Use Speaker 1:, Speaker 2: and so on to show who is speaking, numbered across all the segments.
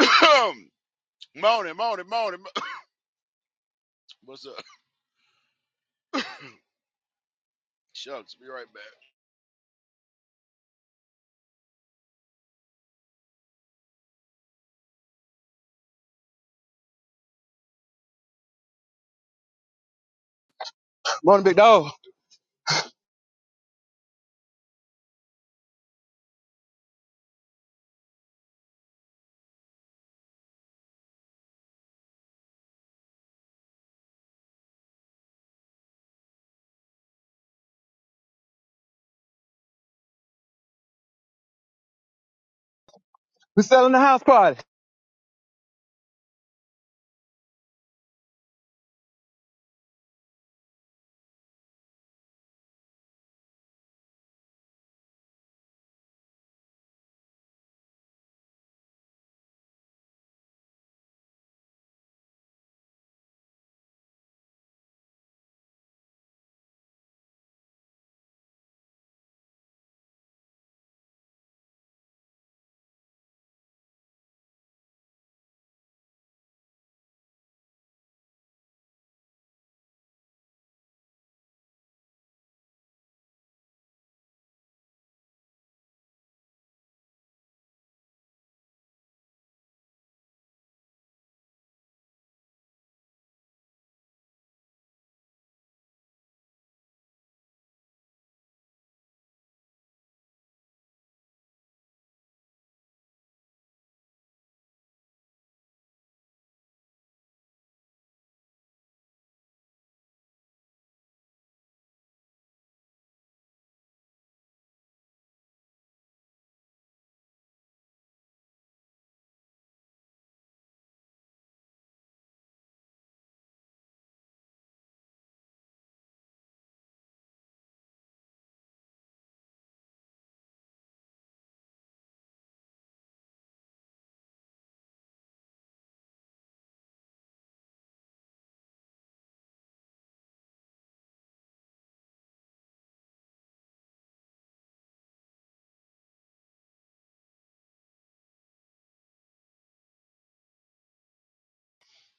Speaker 1: morning, morning, morning. What's up? Shucks, be right back.
Speaker 2: Morning, big dog. We selling the house party.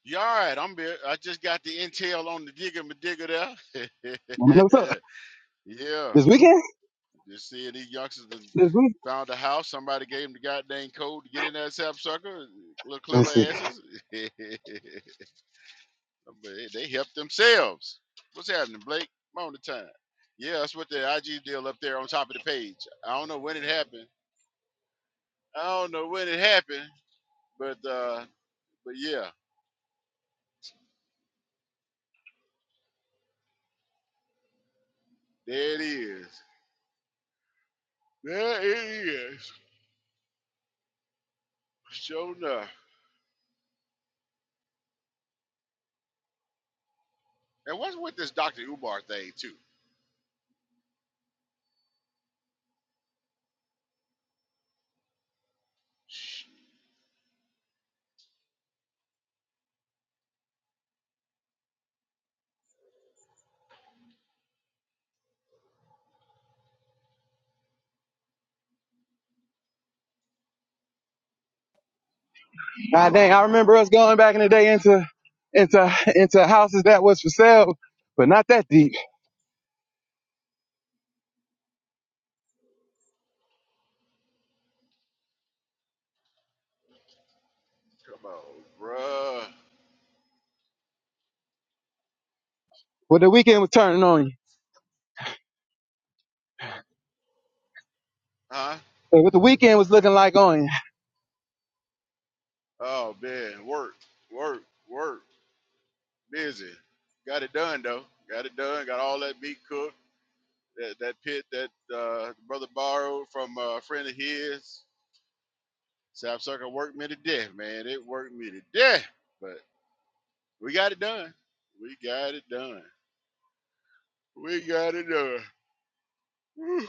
Speaker 1: You all right? I'm here. I just got the intel on the digger, my digger there.
Speaker 2: want know what's up?
Speaker 1: yeah,
Speaker 2: This weekend?
Speaker 1: just seeing these youngsters that
Speaker 2: This week?
Speaker 1: found a house. Somebody gave them the goddamn code to get in that sapsucker. Little clever
Speaker 2: Let's see.
Speaker 1: asses. they they helped themselves. What's happening, Blake? Morning time. Yeah, that's what the IG deal up there on top of the page. I don't know when it happened. I don't know when it happened, but uh But yeah, there it is. There it is. Sure enough. And what's with this Dr. Umar thing, too? Shh,
Speaker 2: God dang, I remember us going back in the day into into into houses that was for sale, but not that deep.
Speaker 1: Come on, bruh.
Speaker 2: What the weekend was turning on you.
Speaker 1: Huh?
Speaker 2: What the weekend was looking like on you.
Speaker 1: Oh, man. Work, work, work. Busy. Got it done, though. Got it done. Got all that meat cooked. That, that pit that uh, brother borrowed from a friend of his. South Circle worked me to death, man. It worked me to death. But we got it done. We got it done. We got it done. Whew.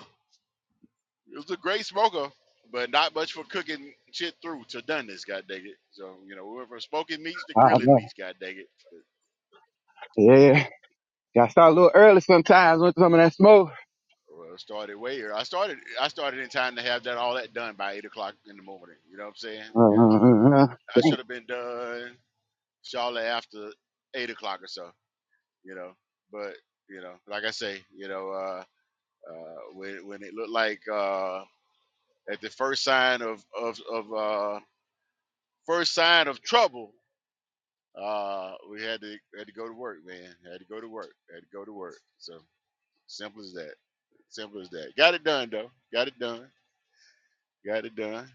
Speaker 1: It was a great smoker, but not much for cooking shit through to doneness, god dang it. So, you know, we went from smoking meats to
Speaker 2: Oh,
Speaker 1: grilling
Speaker 2: man.
Speaker 1: meats, god dang it.
Speaker 2: Yeah. Gotta start a little early sometimes with some of that smoke.
Speaker 1: Well, it started way early. I started I started in time to have that all that done by eight o'clock in the morning. You know what I'm saying?
Speaker 2: Uh,
Speaker 1: Yeah.
Speaker 2: uh, uh,
Speaker 1: I
Speaker 2: dang.
Speaker 1: should have been done shortly after eight o'clock or so, you know. But, you know, like I say, you know, uh uh when when it looked like uh at the first sign of of, of uh first sign of trouble Uh, we had to had to go to work, man. Had to go to work. Had to go to work. So simple as that. Simple as that. Got it done though. Got it done. Got it done.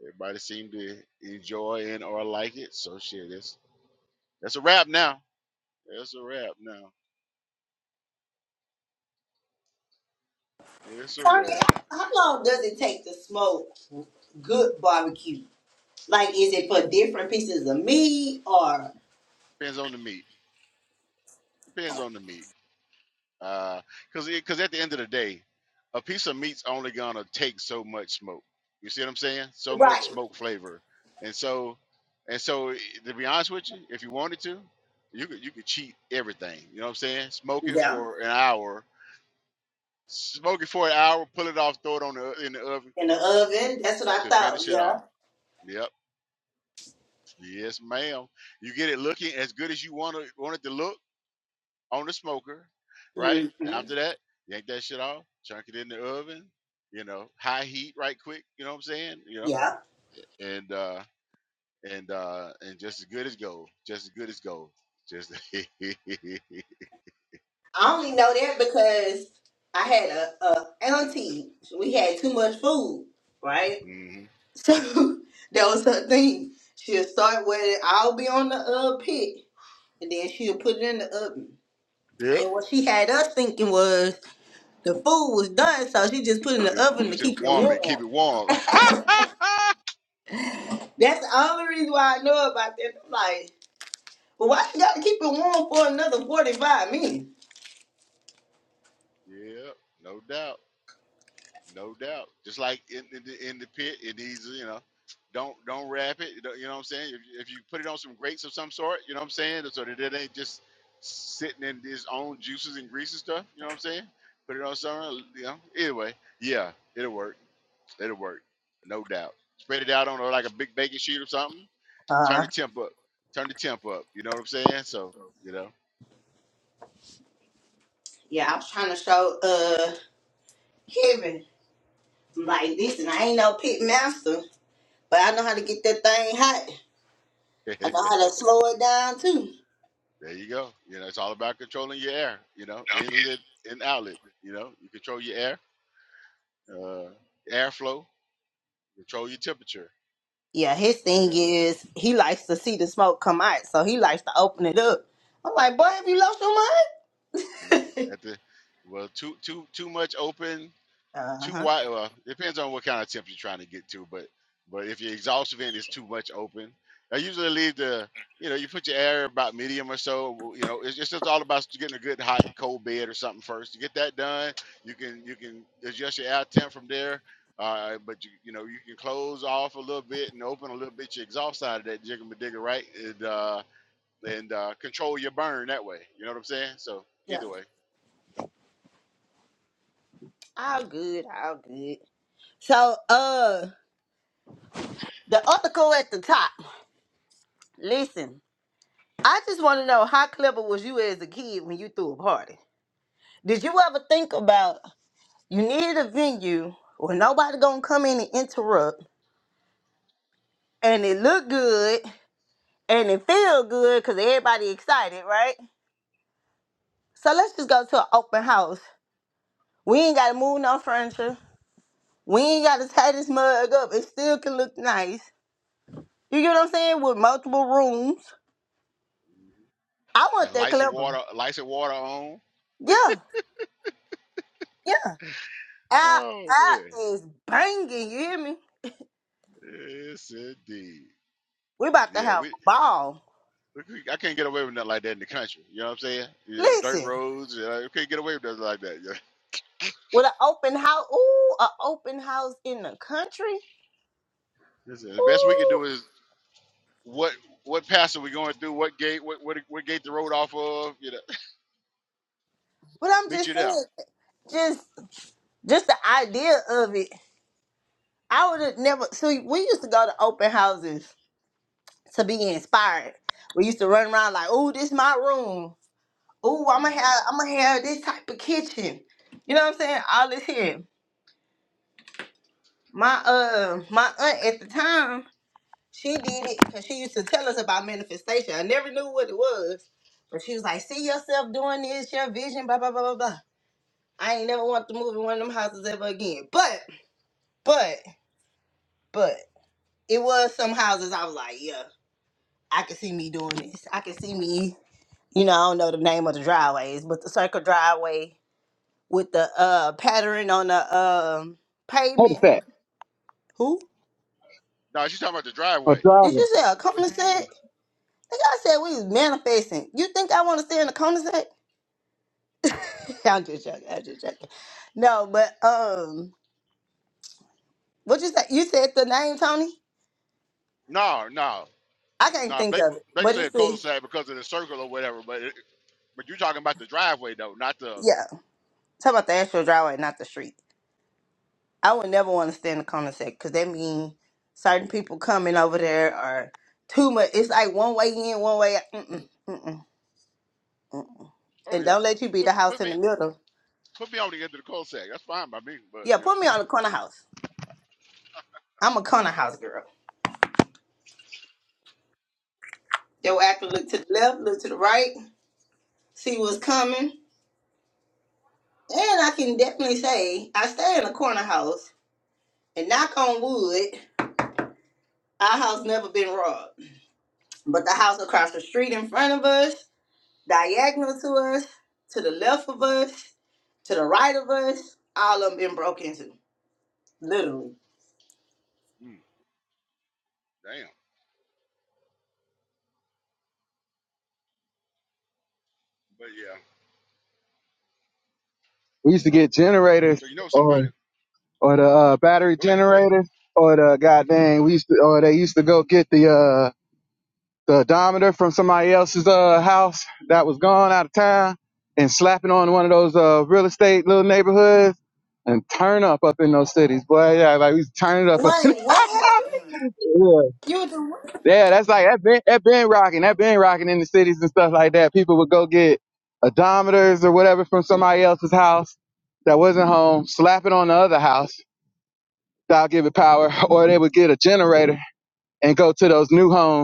Speaker 1: Everybody seemed to enjoy and or like it. So shit, that's that's a wrap now. That's a wrap now. It's a
Speaker 3: Sonya,
Speaker 1: wrap.
Speaker 3: how long does it take to smoke good barbecue? Like, is it for different pieces of meat or?
Speaker 1: Depends on the meat. Depends on the meat. because because at the end of the day, a piece of meat's only gonna take so much smoke. You see what I'm saying? So much
Speaker 3: Right.
Speaker 1: smoke flavor, and so and so eh, to be honest with you, if you wanted to, you could you could cheat everything. You know what I'm saying? Smoke it
Speaker 3: Yeah.
Speaker 1: for an hour, smoke it for an hour, pull it off, throw it on the in the oven
Speaker 3: In the oven. That's what I
Speaker 1: to
Speaker 3: thought.
Speaker 1: finish it off. Yep, yes, ma'am. You get it looking as good as you want it, want it to look on the smoker, right?
Speaker 3: Yeah. hmm
Speaker 1: After that, yank that shit off, chunk it in the oven, you know, high heat right quick, you know what I'm saying? You know,
Speaker 3: Yeah.
Speaker 1: and uh and uh and just as good as gold, just as good as gold. Just
Speaker 3: I only know that because I had a, a auntie. We had too much food, right?
Speaker 1: hmm
Speaker 3: So that was her thing. She'll start with it. I'll be on the uh, pit, and then she'll put it in the oven.
Speaker 1: Yep.
Speaker 3: And what she had us thinking was. The food was done, so she just put it in
Speaker 1: If
Speaker 3: the oven
Speaker 1: you
Speaker 3: to
Speaker 1: said
Speaker 3: keep it
Speaker 1: warm it, keep
Speaker 3: warm.
Speaker 1: it warm.
Speaker 3: That's the only reason why I know about that. I'm like, well, why she gotta keep it warm for another 45 minutes?
Speaker 1: yep, no doubt. No doubt. Just like in, in the in the pit, it needs you know, don't don't wrap it. You know you know what I'm saying? If, if you put it on some grates of some sort, you know what I'm saying, so that it ain't just sitting in its own juices and grease and stuff. You know what I'm saying? Put it on something. You know. Either way, yeah, it'll work. It'll work. No doubt. Spread it out on a- like a big baking sheet or something. Turn
Speaker 3: Uh,
Speaker 1: the temp up. Turn the temp up. You know what I'm saying? So you know.
Speaker 3: Yeah, I was trying to show uh Kevin. I'm like, listen, I ain't no pit master, but I know how to get that thing hot. I know how to slow it down too.
Speaker 1: There you go. You know, it's all about controlling your air. You know, inlet and outlet. You know, you control your air uh, airflow, control your temperature.
Speaker 3: Yeah, his thing
Speaker 1: Yeah,
Speaker 3: is he likes to see the smoke come out, so he likes to open it up. I'm like, boy, have you lost your
Speaker 1: mm,
Speaker 3: mind?
Speaker 1: at the well, too too too much open, too
Speaker 3: uh-huh.
Speaker 1: wide. Well, depends on what kind of temp you're trying to get to, but but if your exhaust vent is too much open, I usually leave the you know you put your air about medium or so. You know, it's, it's just all about getting a good hot cold bed or something first. You get that done, you can you can adjust your air temp from there. Uh, but you, you know you can close off a little bit and open a little bit your exhaust side of that jigger digger right? And, uh, and uh, control your burn that way. You know what I'm saying? So
Speaker 3: yeah,
Speaker 1: either way,
Speaker 3: all good, all good. So, uh, the article at the top. Listen, I just want to know how clever was you as a kid when you threw a party? Did you ever think about you needed a venue where nobody gonna come in and interrupt, and it look good and it feel good because everybody excited, right? So let's just go to an open house. We ain't gotta move no furniture. We ain't gotta tie this mug up. It still can look nice. You get what I'm saying? With multiple rooms. I want
Speaker 1: and
Speaker 3: that
Speaker 1: license
Speaker 3: clever.
Speaker 1: water, license water on.
Speaker 3: Yeah. yeah. Out,
Speaker 1: Oh man,
Speaker 3: out is banging. You hear me?
Speaker 1: yes indeed.
Speaker 3: We about to
Speaker 1: Yeah,
Speaker 3: have
Speaker 1: we,
Speaker 3: a ball.
Speaker 1: we I can't get away with nothing like that in the country. You know what I'm saying? Yeah, dirt
Speaker 3: Listen,
Speaker 1: roads. You, know, you can't get away with nothing like that. Yeah.
Speaker 3: with an open house. Ooh, an open house in the country.
Speaker 1: Listen, the best we can
Speaker 3: Ooh,
Speaker 1: do is what what pass are we going through? What gate? What what, what gate the road off of? You know,
Speaker 3: but I'm
Speaker 1: meet
Speaker 3: just
Speaker 1: you there.
Speaker 3: saying, just just the idea of it. I would have never. See, we used to go to open houses to be inspired. We used to run around like, "Ooh, this my room. Ooh, I'm gonna
Speaker 1: hmm
Speaker 3: have, I'm gonna have this type of kitchen." You know what I'm saying? All this here. My uh, my aunt at the time. She did it because she used to tell us about manifestation. I never knew what it was, but she was like, "See yourself doing this, your vision, blah blah blah blah blah." I ain't never want to move in one of them houses ever again. But, but, but it was some houses I was like, "Yeah, I can see me doing this. I can see me." You know, I don't know the name of the driveways, but the circle driveway with the uh pattern on the um
Speaker 2: cul
Speaker 3: pavement.
Speaker 2: de
Speaker 3: Who
Speaker 1: No, she's talking about the
Speaker 2: or
Speaker 1: driveway.
Speaker 3: did
Speaker 2: driver.
Speaker 3: you say a cul-de-sac? I think I said we was manifesting. You think I want to stay in a cul-de-sac? I'm just joking. I'm just joking. No, but um, what you say? You said the name Tony.
Speaker 1: No, no,
Speaker 3: I can't
Speaker 1: no.
Speaker 3: think
Speaker 1: Blake
Speaker 3: of it,
Speaker 1: Blake
Speaker 3: but it's
Speaker 1: said
Speaker 3: the
Speaker 1: cul-de-sac because of the circle or whatever, but it, But you're talking about the driveway though, not the.
Speaker 3: yeah. Talk about the actual driveway, not the street. I would never want to stand the corner section because that mean certain people coming over there are too much. It's like one way in, one way. out. Mm-mm, mm-mm.
Speaker 1: Oh
Speaker 3: And
Speaker 1: yeah,
Speaker 3: don't let you be
Speaker 1: put,
Speaker 3: the house
Speaker 1: put
Speaker 3: in
Speaker 1: me
Speaker 3: the middle.
Speaker 1: put me on the end of the cul sac. That's fine by me. But
Speaker 3: Yeah, put me
Speaker 1: yeah,
Speaker 3: on the corner house. I'm a corner house girl. They will have to look to the left, look to the right, see what's coming. And I can definitely say I stay in a corner house And knock on wood, our house never been robbed. But the house across the street in front of us, diagonal to us, to the left of us, to the right of us, all of them been broke into. Literally.
Speaker 1: mm, damn. But yeah,
Speaker 2: We used to get generators
Speaker 1: so you know
Speaker 2: or
Speaker 1: somebody.
Speaker 2: or the uh, battery
Speaker 1: Go ahead, go ahead.
Speaker 2: generators or the goddamn we used to or they used to go get the uh. the odometer from somebody else's uh, house that was gone out of town and slapping on one of those uh, real estate little neighborhoods and turn up up in those cities, boy. Yeah, like we turn it up up.
Speaker 3: Wait, what
Speaker 2: yeah.
Speaker 3: happened? You do what?
Speaker 2: yeah, that's like that been that been rocking, that been rocking in the cities and stuff like that. People would go get odometers or whatever from somebody else's house that wasn't home, slap it on the other house that'll give it power, or they would get a generator and go to those new homes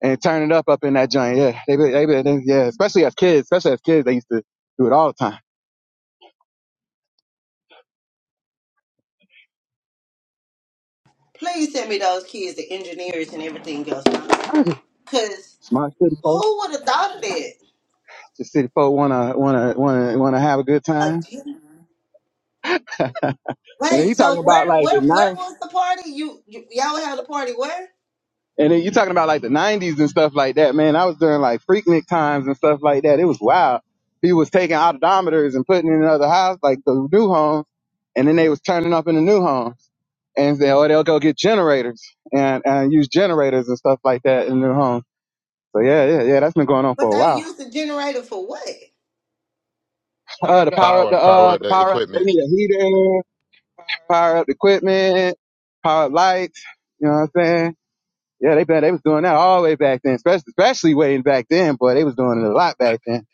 Speaker 2: and turn it up up in that joint. Yeah, they be, they be, they, yeah, especially as kids, especially as kids, they used to do it all the time.
Speaker 3: Please send me those kids, the engineers and everything else.
Speaker 2: I just
Speaker 3: Cause
Speaker 2: smart city folk,
Speaker 3: who would have thought of that?
Speaker 2: just city folk wanna wanna wanna wanna have a good
Speaker 3: A
Speaker 2: time.
Speaker 3: ten-
Speaker 2: and then
Speaker 3: Wait,
Speaker 2: you
Speaker 3: so
Speaker 2: talking about
Speaker 3: where
Speaker 2: like
Speaker 3: where
Speaker 2: the
Speaker 3: where
Speaker 2: nine,
Speaker 3: was the party? You, you y'all had a party where?
Speaker 2: and then you talking about like the nineties and stuff like that. Man, I was during like freaknik times and stuff like that. It was wild. He was taking odometers and putting in another house, like the new homes, and then they was turning up in the new homes. And they, or they'll go get generators and, and use generators and stuff like that in new homes So yeah, yeah, yeah, that's been going on
Speaker 3: But
Speaker 2: for a
Speaker 3: they
Speaker 2: while.
Speaker 3: used the generator for what?
Speaker 2: Uh, to power up the
Speaker 4: Power, power
Speaker 2: uh,
Speaker 4: up
Speaker 2: the
Speaker 4: the
Speaker 2: power up, they
Speaker 4: equipment.
Speaker 2: need a heater, in there, power up the equipment, power up lights. You know what I'm saying? Yeah, they been they was doing that all the way back then, especially especially way back then. Boy, they was doing it a lot back then.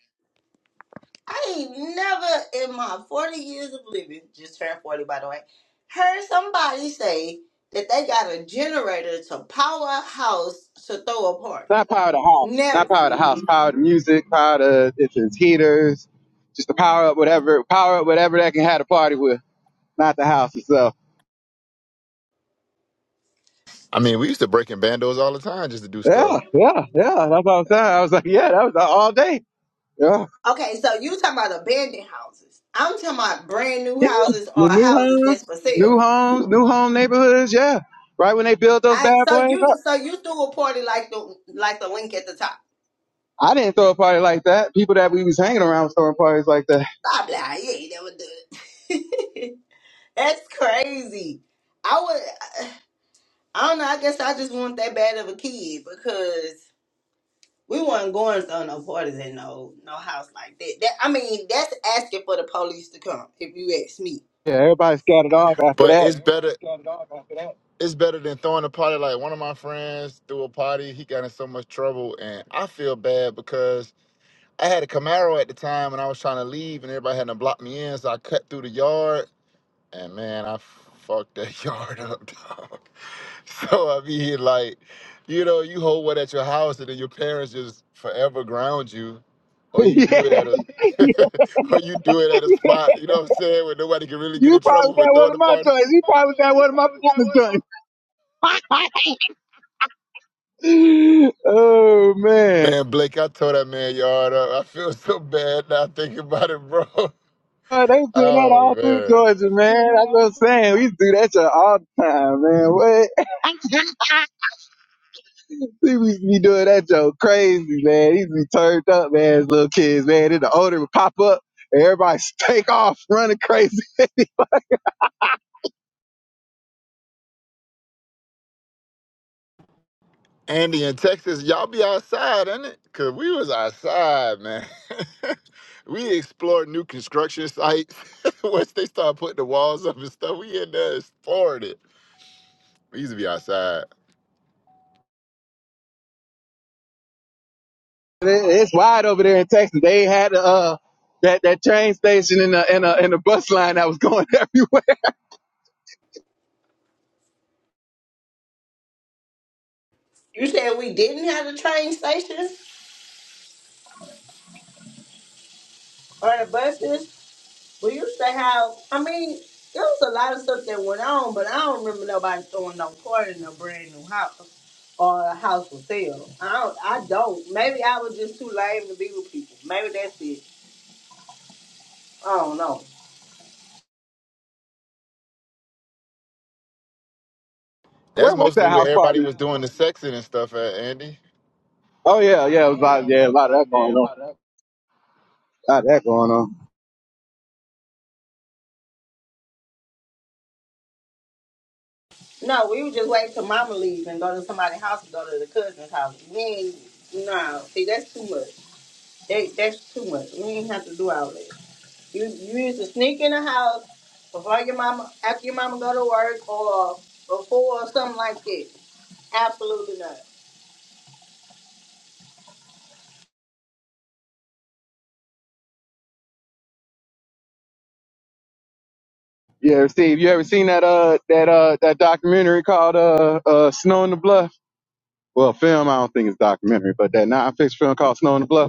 Speaker 3: I ain't never in my 40 years of living, just turned 40 by the way, heard somebody say that they got a generator to power a house to throw a party.
Speaker 2: Not power the house, not
Speaker 3: Never.
Speaker 2: power the house, power the music, power the it's it's heaters, just to power up whatever, power up whatever that can have a party with, not the house itself.
Speaker 4: I mean, we used to break in bandos all the time just to do stuff.
Speaker 2: Yeah, yeah, yeah. That's what I'm saying. I was like, yeah, that was all day. Yeah.
Speaker 3: Okay, so you talking about abandoned houses. I'm talking about brand new
Speaker 2: Yeah, the
Speaker 3: houses or
Speaker 2: new
Speaker 3: houses
Speaker 2: homes,
Speaker 3: that's for
Speaker 2: new
Speaker 3: sale.
Speaker 2: homes, new home neighborhoods. Yeah, right when they built those
Speaker 3: I
Speaker 2: bad
Speaker 3: so
Speaker 2: boys
Speaker 3: you
Speaker 2: up,
Speaker 3: so you threw a party like the like the link at the top.
Speaker 2: I didn't throw a party like that. People that we was hanging around was throwing parties like that.
Speaker 3: I'm like, I ain't never do it. That's crazy. I would I don't know, I guess I just want that bad of a kid because we weren't going to no parties in no no house like that. That I mean, that's asking for the police to come, if you ask me.
Speaker 2: Yeah, everybody scattered off after
Speaker 4: But yeah,
Speaker 2: that.
Speaker 4: it's better. It's better than throwing a party. Like one of my friends threw a party. He got in so much trouble, and I feel bad because I had a Camaro at the time, and I was trying to leave, and everybody had to block me in. So I cut through the yard, And man, I fucked that yard up, dog. So I mean, like, you know, you hold one at your house, and then your parents just forever ground you, or you do it
Speaker 2: yeah,
Speaker 4: at a, or you do it at a spot. You know what I'm saying? Where nobody can really get
Speaker 2: you
Speaker 4: in
Speaker 2: probably
Speaker 4: trouble for
Speaker 2: got one
Speaker 4: throwing
Speaker 2: of
Speaker 4: a
Speaker 2: my
Speaker 4: party.
Speaker 2: joints. You probably got one of my partner's joints. oh man.
Speaker 4: Man, Blake, I tore that man yard up. I feel so bad now thinking about it, bro.
Speaker 2: Oh, they was doing that all through
Speaker 4: Oh
Speaker 2: Georgia, man. That's what
Speaker 4: man.
Speaker 2: I'm saying. We used to do that shit all the time, man. What? He used to be doing that joke crazy, man. He used to be turned up, man, as little kids, man. Then the owner would pop up and everybody take off running crazy.
Speaker 4: Andy in Texas, y'all be outside, ain't it? Cause we was outside, man. we explored new construction sites. Once they start putting the walls up and stuff, we in there exploring it. We used to be outside.
Speaker 2: It- It's wide over there in Texas. They had uh that, that train station and the, and, the, and the bus line that was going everywhere.
Speaker 3: You said we didn't have the train station or the buses? We used to have, I mean, there was a lot of stuff that went on, but I don't remember nobody throwing no party in a brand new house or a house for sale. I don't, I don't. Maybe I was just too lame to be with people. Maybe that's it. I don't know.
Speaker 4: That's
Speaker 2: Where was
Speaker 4: mostly
Speaker 2: that
Speaker 4: where
Speaker 2: house
Speaker 4: everybody
Speaker 2: party?
Speaker 4: was doing the sexing and stuff at, Andy.
Speaker 2: Oh yeah, yeah, it was a lot, yeah, a lot of that going on. A lot of that going on.
Speaker 3: No, we would just wait till mama leaves and go to somebody's house and go to the cousin's house. We ain't, no, see, that's too much. That, that's too much. We ain't have to do all that. You, you used to sneak in the house before your mama, after your mama go to work or before or something like that. Absolutely not.
Speaker 2: Yeah, Steve, you ever seen that uh that uh that documentary called uh uh Snow in the Bluff? Well, film I don't think it's documentary, but that nonfiction film called Snow in the Bluff.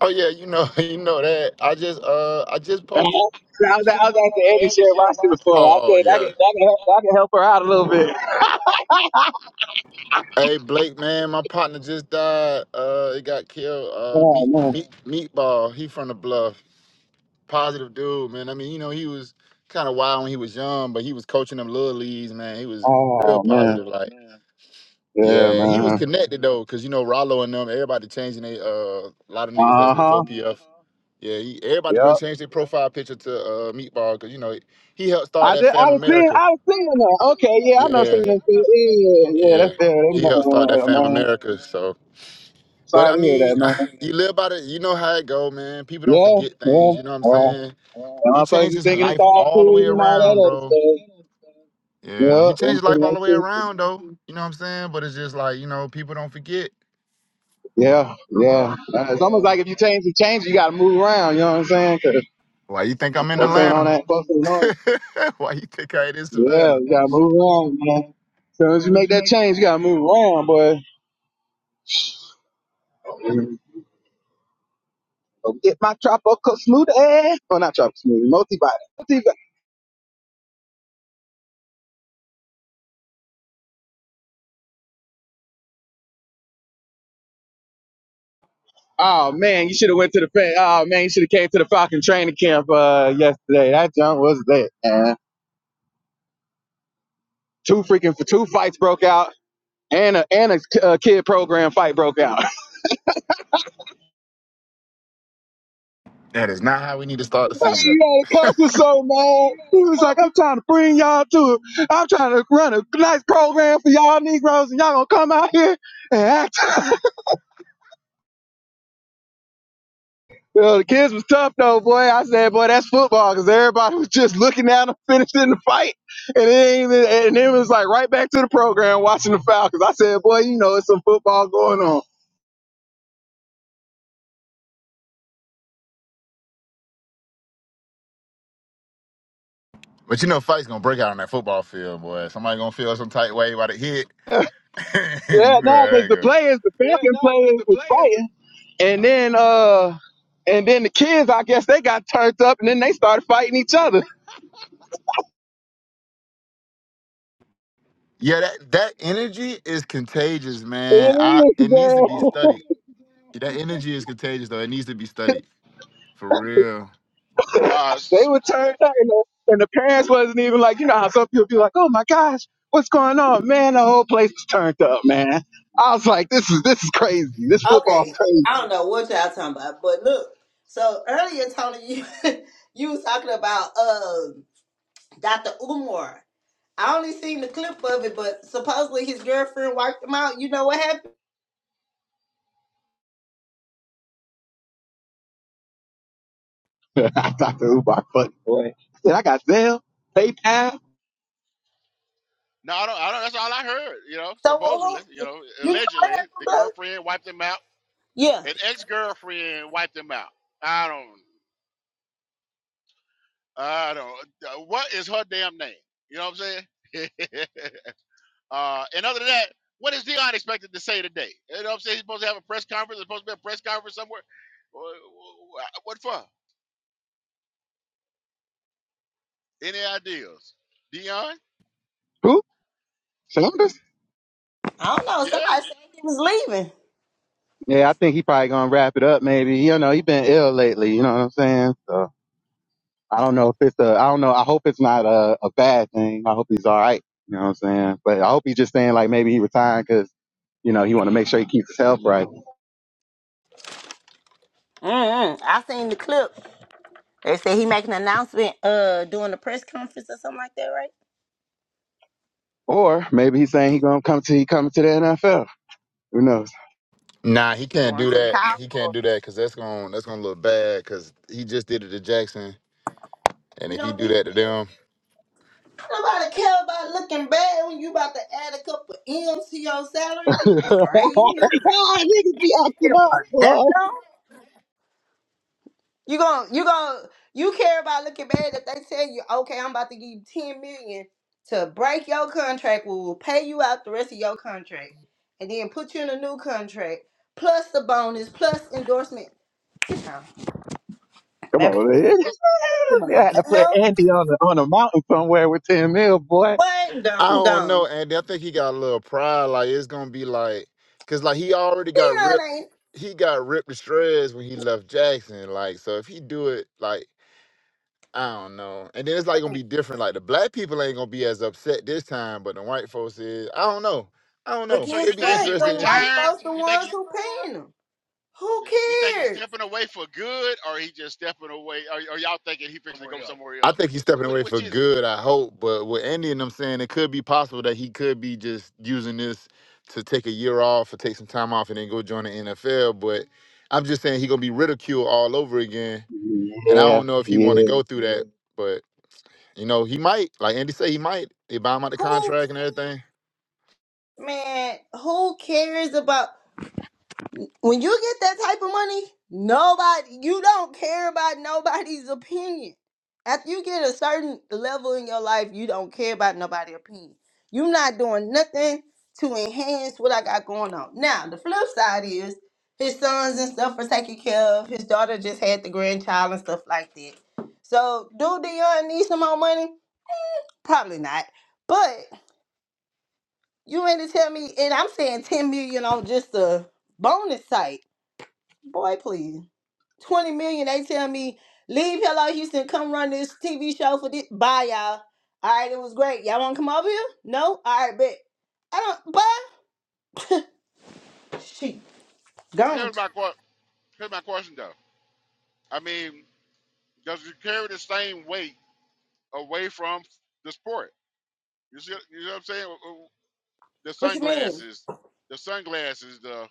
Speaker 4: Oh yeah, you know, you know that. I just uh I just
Speaker 2: I
Speaker 4: posted.
Speaker 2: was, I was I was Eddie
Speaker 4: Oh,
Speaker 2: share my shit before. I
Speaker 4: oh
Speaker 2: said I can,
Speaker 4: yeah.
Speaker 2: I can, help, I can help her out a little bit.
Speaker 4: Hey Blake, man, my partner just died. Uh, he got killed. Uh,
Speaker 2: Oh
Speaker 4: meat,
Speaker 2: man.
Speaker 4: meat, meatball. He from the bluff. positive dude, man. I mean, you know, he was kind of wild when he was young, but he was coaching them little leagues, man. He was real
Speaker 2: Oh
Speaker 4: positive,
Speaker 2: man.
Speaker 4: like.
Speaker 2: Yeah,
Speaker 4: Yeah, he was
Speaker 2: man.
Speaker 4: connected though, cause you know Rollo and them, everybody changing they uh a lot of niggas that's
Speaker 2: Uh
Speaker 4: with
Speaker 2: huh.
Speaker 4: 4PF. Yeah, he, everybody done
Speaker 2: Yep.
Speaker 4: changed their profile picture to uh Meatball, cause you know he helped start
Speaker 2: I
Speaker 4: that
Speaker 2: did. I
Speaker 4: Fam
Speaker 2: was seeing.
Speaker 4: America.
Speaker 2: I was seeing that. Okay. Yeah, I know seeing
Speaker 4: Yeah,
Speaker 2: that. Yeah, yeah.
Speaker 4: yeah,
Speaker 2: That's it.
Speaker 4: he helped start that
Speaker 2: Uh,
Speaker 4: Fam
Speaker 2: man.
Speaker 4: America. So, but
Speaker 2: Sorry
Speaker 4: I
Speaker 2: to hear
Speaker 4: mean,
Speaker 2: that, man.
Speaker 4: you live by the, you know how it go, man. People don't
Speaker 2: Yeah.
Speaker 4: forget
Speaker 2: Yeah.
Speaker 4: things. You know what I'm
Speaker 2: Well,
Speaker 4: saying?
Speaker 2: and
Speaker 4: He
Speaker 2: motherfuckers
Speaker 4: changed
Speaker 2: be
Speaker 4: his
Speaker 2: thinking it's
Speaker 4: life
Speaker 2: all
Speaker 4: all the
Speaker 2: cool
Speaker 4: way
Speaker 2: and all
Speaker 4: around,
Speaker 2: that
Speaker 4: bro.
Speaker 2: other stuff.
Speaker 4: Yeah, he
Speaker 2: Yeah,
Speaker 4: changed his
Speaker 2: and things
Speaker 4: life all the
Speaker 2: like
Speaker 4: way
Speaker 2: that.
Speaker 4: around, though. You know what I'm saying? But it's just like, you know, people don't forget.
Speaker 2: yeah, yeah. Uh, It's almost like if you change the change, you gotta move around. You know what I'm saying? 'Cause
Speaker 4: Why you think I'm in
Speaker 2: folks ain't on
Speaker 4: Atlanta?
Speaker 2: that. Folks ain't on it.
Speaker 4: Why you think I ain't in
Speaker 2: Yeah,
Speaker 4: Savannah?
Speaker 2: you gotta move on, man. soon as you make that change, you gotta move on, boy. Go Get my tropical smoothie. Oh, not tropical smoothie, multi-body. multi-body. Oh man, you should have went to the fa- oh man, you should have came to the Falcon training camp uh yesterday. That junk was lit, man. Two freaking for two fights broke out, and a and a k- uh, kid program fight broke out.
Speaker 4: That is not how we need to start the
Speaker 2: man,
Speaker 4: season.
Speaker 2: you know, the coach was so mad. He was like, "I'm trying to bring y'all to, I'm trying to run a nice program for y'all Negroes, and y'all gonna come out here and act." You know, the kids was tough though, boy. I said, boy, that's football, because everybody was just looking at them finishing the fight, and it ain't even, and it was like right back to the program watching the Falcons. I said, boy, you know, it's some football going on.
Speaker 4: But you know, fight's gonna break out on that football field, boy. Somebody gonna feel some tight way about to hit.
Speaker 2: Yeah,
Speaker 4: you know
Speaker 2: no,
Speaker 4: how
Speaker 2: because
Speaker 4: that
Speaker 2: the
Speaker 4: go.
Speaker 2: players, the Falcon players was fighting, and then uh, and then the kids, I guess they got turned up, and then they started fighting each other.
Speaker 4: Yeah, that, that energy is contagious,
Speaker 2: It
Speaker 4: man. I
Speaker 2: is,
Speaker 4: it needs to be
Speaker 2: man.
Speaker 4: studied. That energy is contagious though. It needs to be studied. For real.
Speaker 1: Uh,
Speaker 2: They
Speaker 1: s-
Speaker 2: were
Speaker 1: s-
Speaker 2: turned up, and the, and the parents wasn't even like, you know how some people be like, oh my gosh, what's going on, man? The whole place was turned up, man. I was like, this is this is crazy. This football's
Speaker 3: Okay, I
Speaker 2: crazy.
Speaker 3: don't know what y'all talking about, but look. So earlier, Tony, you you was talking about um Dr. Umar. I only seen the clip of it, but supposedly his girlfriend wiped him out. You know what happened?
Speaker 2: I thought the Ubar funny boy. I said, I got Zell, PayPal,
Speaker 1: no, I don't, I don't. That's all I heard. You know,
Speaker 3: So who?
Speaker 1: supposedly, you
Speaker 3: who-
Speaker 1: know,
Speaker 3: You know
Speaker 1: allegedly,
Speaker 3: who
Speaker 1: the
Speaker 3: Blake?
Speaker 1: girlfriend wiped him out.
Speaker 3: Yeah,
Speaker 1: An ex-girlfriend wiped him out. I don't. I don't. uh, What is her damn name? You know what I'm saying? Uh, and other than that, what is Dion expected to say today? You know what I'm saying? He's supposed to have a press conference. There's supposed to be a press conference somewhere. Wh- wh- What for? Any ideas? Dion?
Speaker 2: who? Chambers?
Speaker 3: I don't know.
Speaker 1: Yeah.
Speaker 3: Somebody said he was leaving.
Speaker 2: Yeah, I think he probably gonna wrap it up. Maybe you know he been ill lately. You know what I'm saying? So I don't know if it's a. I don't know. I hope it's not a, a bad thing. I hope he's all right. You know what I'm saying? But I hope he's just saying like maybe he retired because you know he want to make sure he keeps his health right.
Speaker 3: Mm-mm. I seen the clip. They said he making an announcement, uh, doing a press conference or something like that, right?
Speaker 2: Or maybe he's saying he gonna come to he coming to the NFL. Who knows?
Speaker 4: Nah, he can't
Speaker 3: Going
Speaker 4: do
Speaker 3: to the
Speaker 4: that.
Speaker 3: Cowboys.
Speaker 4: He can't do that because that's gonna that's gonna look bad because he just did it to Jackson. And
Speaker 3: You
Speaker 4: if he
Speaker 3: don't
Speaker 4: do
Speaker 3: think he
Speaker 4: that to
Speaker 3: did?
Speaker 4: them,
Speaker 3: Nobody care about looking bad when you about to add a couple M's to your salary. Are you
Speaker 2: Niggas
Speaker 3: crazy?
Speaker 2: be acting
Speaker 3: Give
Speaker 2: up,
Speaker 3: a damn.
Speaker 2: boy.
Speaker 3: You gon' you gon' you care about looking bad if they tell you, okay, I'm about to give you ten million to break your contract. We will pay you out the rest of your contract, and then put you in a new contract plus the bonus plus endorsement. Get down,
Speaker 2: Come
Speaker 3: baby.
Speaker 2: on, man.
Speaker 3: Give
Speaker 2: they
Speaker 3: a
Speaker 2: had to put
Speaker 3: damn.
Speaker 2: Andy on the on a mountain somewhere with ten mil, boy.
Speaker 3: What?
Speaker 4: I
Speaker 3: I'm
Speaker 4: don't know,
Speaker 3: gone.
Speaker 4: Andy. I think he got a little pride. Like it's gonna be like, cause like he already got ripped.
Speaker 3: Leon
Speaker 4: He got ripped to shreds when he left Jackson. Like so, if he do it, like I don't know. And then it's like gonna
Speaker 3: ain't.
Speaker 4: be different. Like the black people ain't gonna be as upset this time, but the white folks is. I don't know. I don't
Speaker 3: But
Speaker 4: know.
Speaker 1: So you
Speaker 3: guess
Speaker 4: It'd be
Speaker 1: think
Speaker 3: what?
Speaker 1: he
Speaker 3: The
Speaker 4: interesting if he.
Speaker 3: white
Speaker 1: retired?
Speaker 3: folks the
Speaker 1: You think
Speaker 3: ones
Speaker 1: he
Speaker 3: who paying them. Who
Speaker 1: you think he's
Speaker 3: cares?
Speaker 1: stepping away for good, or he just stepping away? Or, or y'all thinking he fixing to go somewhere
Speaker 4: I
Speaker 1: else?
Speaker 4: think he's
Speaker 1: Wh-
Speaker 4: stepping
Speaker 1: Which,
Speaker 4: away for
Speaker 1: which is it?
Speaker 4: good. I hope, but with Andy and them saying it could be possible that he could be just using this to take a year off or take some time off and then go join the NFL. But I'm just saying he gonna be ridiculed all over again, and I
Speaker 2: Yeah,
Speaker 4: don't know if he want to
Speaker 2: yeah.
Speaker 4: go through that. But you know, he might. Like Andy say, he might. They buy him out the
Speaker 3: Who
Speaker 4: contract and everything.
Speaker 3: man, who cares about when you get that type of money? Nobody you don't care about nobody's opinion. After you get a certain level in your life, you don't care about nobody's opinion. You're not doing nothing to enhance what I got going on. Now, the flip side is his sons and stuff are taken care of. His daughter just had the grandchild and stuff like that. So, do Dion need some more money? Probably not. But. You mean to tell me, and I'm saying 10 million on just a bonus site. Boy, please. 20 million, they tell me, leave Hello Houston, come run this TV show for this. Bye, y'all. All right, it was great. Y'all want to come over here? No? All right, bet. I don't, bye. She gone.
Speaker 1: Here's my que- here's my question though. I mean, does he carry the same weight away from the sport? You see, you know what I'm saying? the
Speaker 3: What you mean?
Speaker 1: sunglasses, the sunglasses, the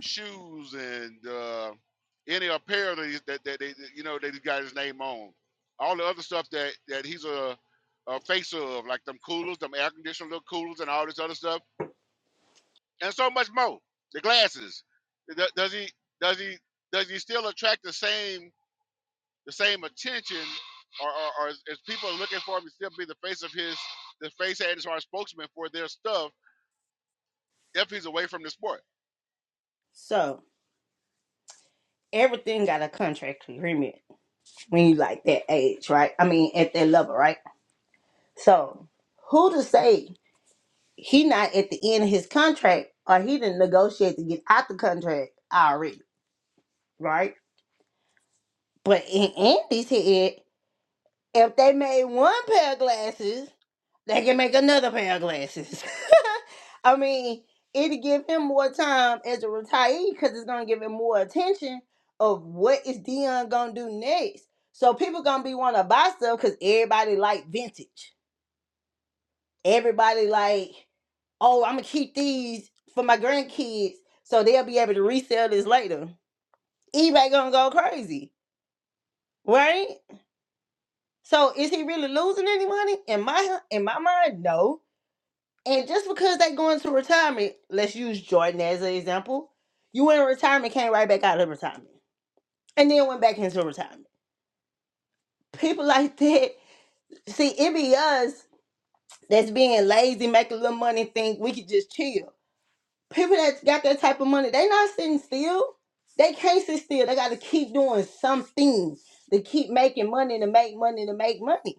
Speaker 1: shoes, and uh, any apparel that, he's, that that they you know that he got his name on. All the other stuff that that he's a, a face of, like them coolers, them air conditioned little coolers, and all this other stuff, and so much more. The glasses. Th- Does he does he does he still attract the same the same attention, or or, or is, is people are looking for him to still be the face of his the face and his or spokesman for their stuff if he's away from the sport?
Speaker 3: So, everything got a contract agreement when you like that age, right? I mean, at that level, right? So, who to say? he not at the end of his contract or he didn't negotiate to get out the contract already, right? But in Andy's head, if they made one pair of glasses, they can make another pair of glasses. I mean, it'll give him more time as a retiree because it's gonna give him more attention of what is Dion gonna do next. So people gonna be wanna buy stuff because everybody like vintage. Everybody like oh, I'm gonna keep these for my grandkids so they'll be able to resell this later. eBay gonna go crazy, right? So is he really losing any money? In my in my mind, no. And just because they going to retirement, let's use Jordan as an example. You went in retirement, came right back out of retirement, and then went back into retirement. People like that, see, it be us that's being lazy, making little money, think we could just chill. people that got that type of money, they not sitting still. They can't sit still. They got to keep doing something to keep making money to make money to make money.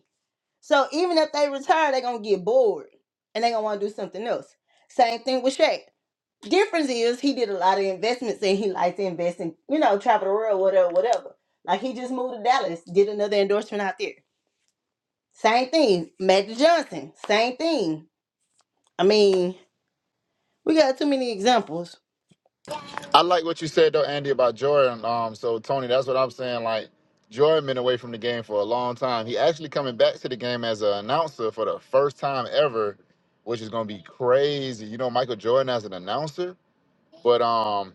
Speaker 3: So even if they retire, they gonna get bored and they gonna want to do something else. Same thing with Shaq. Difference is he did a lot of investments and he likes to invest in you know travel the world whatever whatever. Like he just moved to Dallas, did another endorsement out there. Same thing. Magic Johnson. Same thing. I mean, we got too many examples.
Speaker 4: I like what you said though, Andy, about Jordan. Um, so Tony, that's what I'm saying. Like Jordan been away from the game for a long time. He actually coming back to the game as an announcer for the first time ever, which is gonna be crazy. You know, Michael Jordan as an announcer, but um,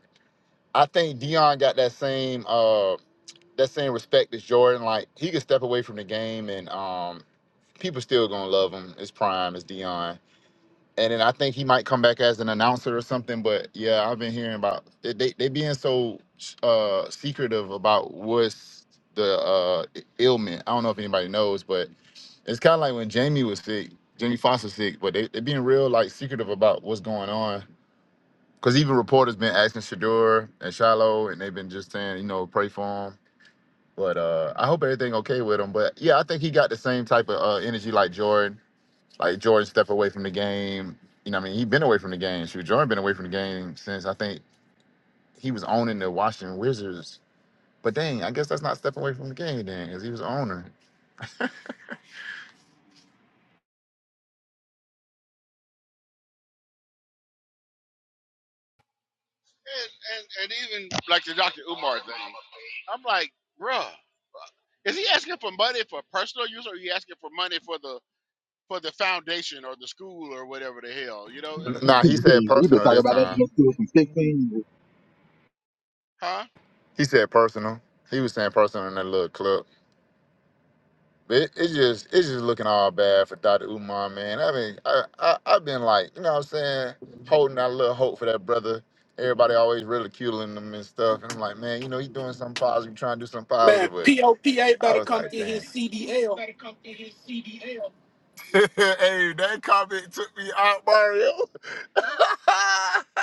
Speaker 4: I think Dion got that same uh that same respect as Jordan. Like he could step away from the game and um, people still gonna love him. It's prime. It's Dion and then I think he might come back as an announcer or something. But yeah, I've been hearing about they they, they being so uh secretive about what's the uh ailment. I don't know if anybody knows, but it's kind of like when Jamie was sick, Jamie Foxx was sick, but they they being real like secretive about what's going on. Cause even reporters been asking Shador and Shiloh, and they've been just saying, you know, pray for him. But uh, I hope everything okay with him. But yeah, I think he got the same type of uh, energy like Jordan like Jordan stepped away from the game. You know, what I mean, he been away from the game. Shoot, Jordan been away from the game since I think he was owning the Washington Wizards. But dang, I guess that's not stepping away from the game then, because he was owner.
Speaker 1: and and and even like the Dr. Umar thing, I'm like, bruh, is he asking for money for personal use, or are you asking for money for the for the foundation or the school or whatever the hell, you know?
Speaker 4: Nah, he said
Speaker 2: We've been
Speaker 4: personal
Speaker 2: talking
Speaker 4: this
Speaker 2: about that
Speaker 4: time.
Speaker 2: deal too from sixteen. years.
Speaker 1: Huh?
Speaker 4: He said personal. He was saying personal in that little clip. But it, it just it's just looking all bad for Dr. Umar, man. I mean, I, I I've been like, you know what I'm saying, holding out a little hope for that brother. Everybody always ridiculing him and stuff. And I'm like, man, you know, he's doing something positive, trying to do something
Speaker 5: Man,
Speaker 4: positive, but
Speaker 5: POPA
Speaker 4: I
Speaker 5: better
Speaker 4: was
Speaker 5: come
Speaker 4: like,
Speaker 5: get
Speaker 4: damn.
Speaker 5: his
Speaker 4: hey,
Speaker 5: CDL.
Speaker 4: that comment took me out, Mario.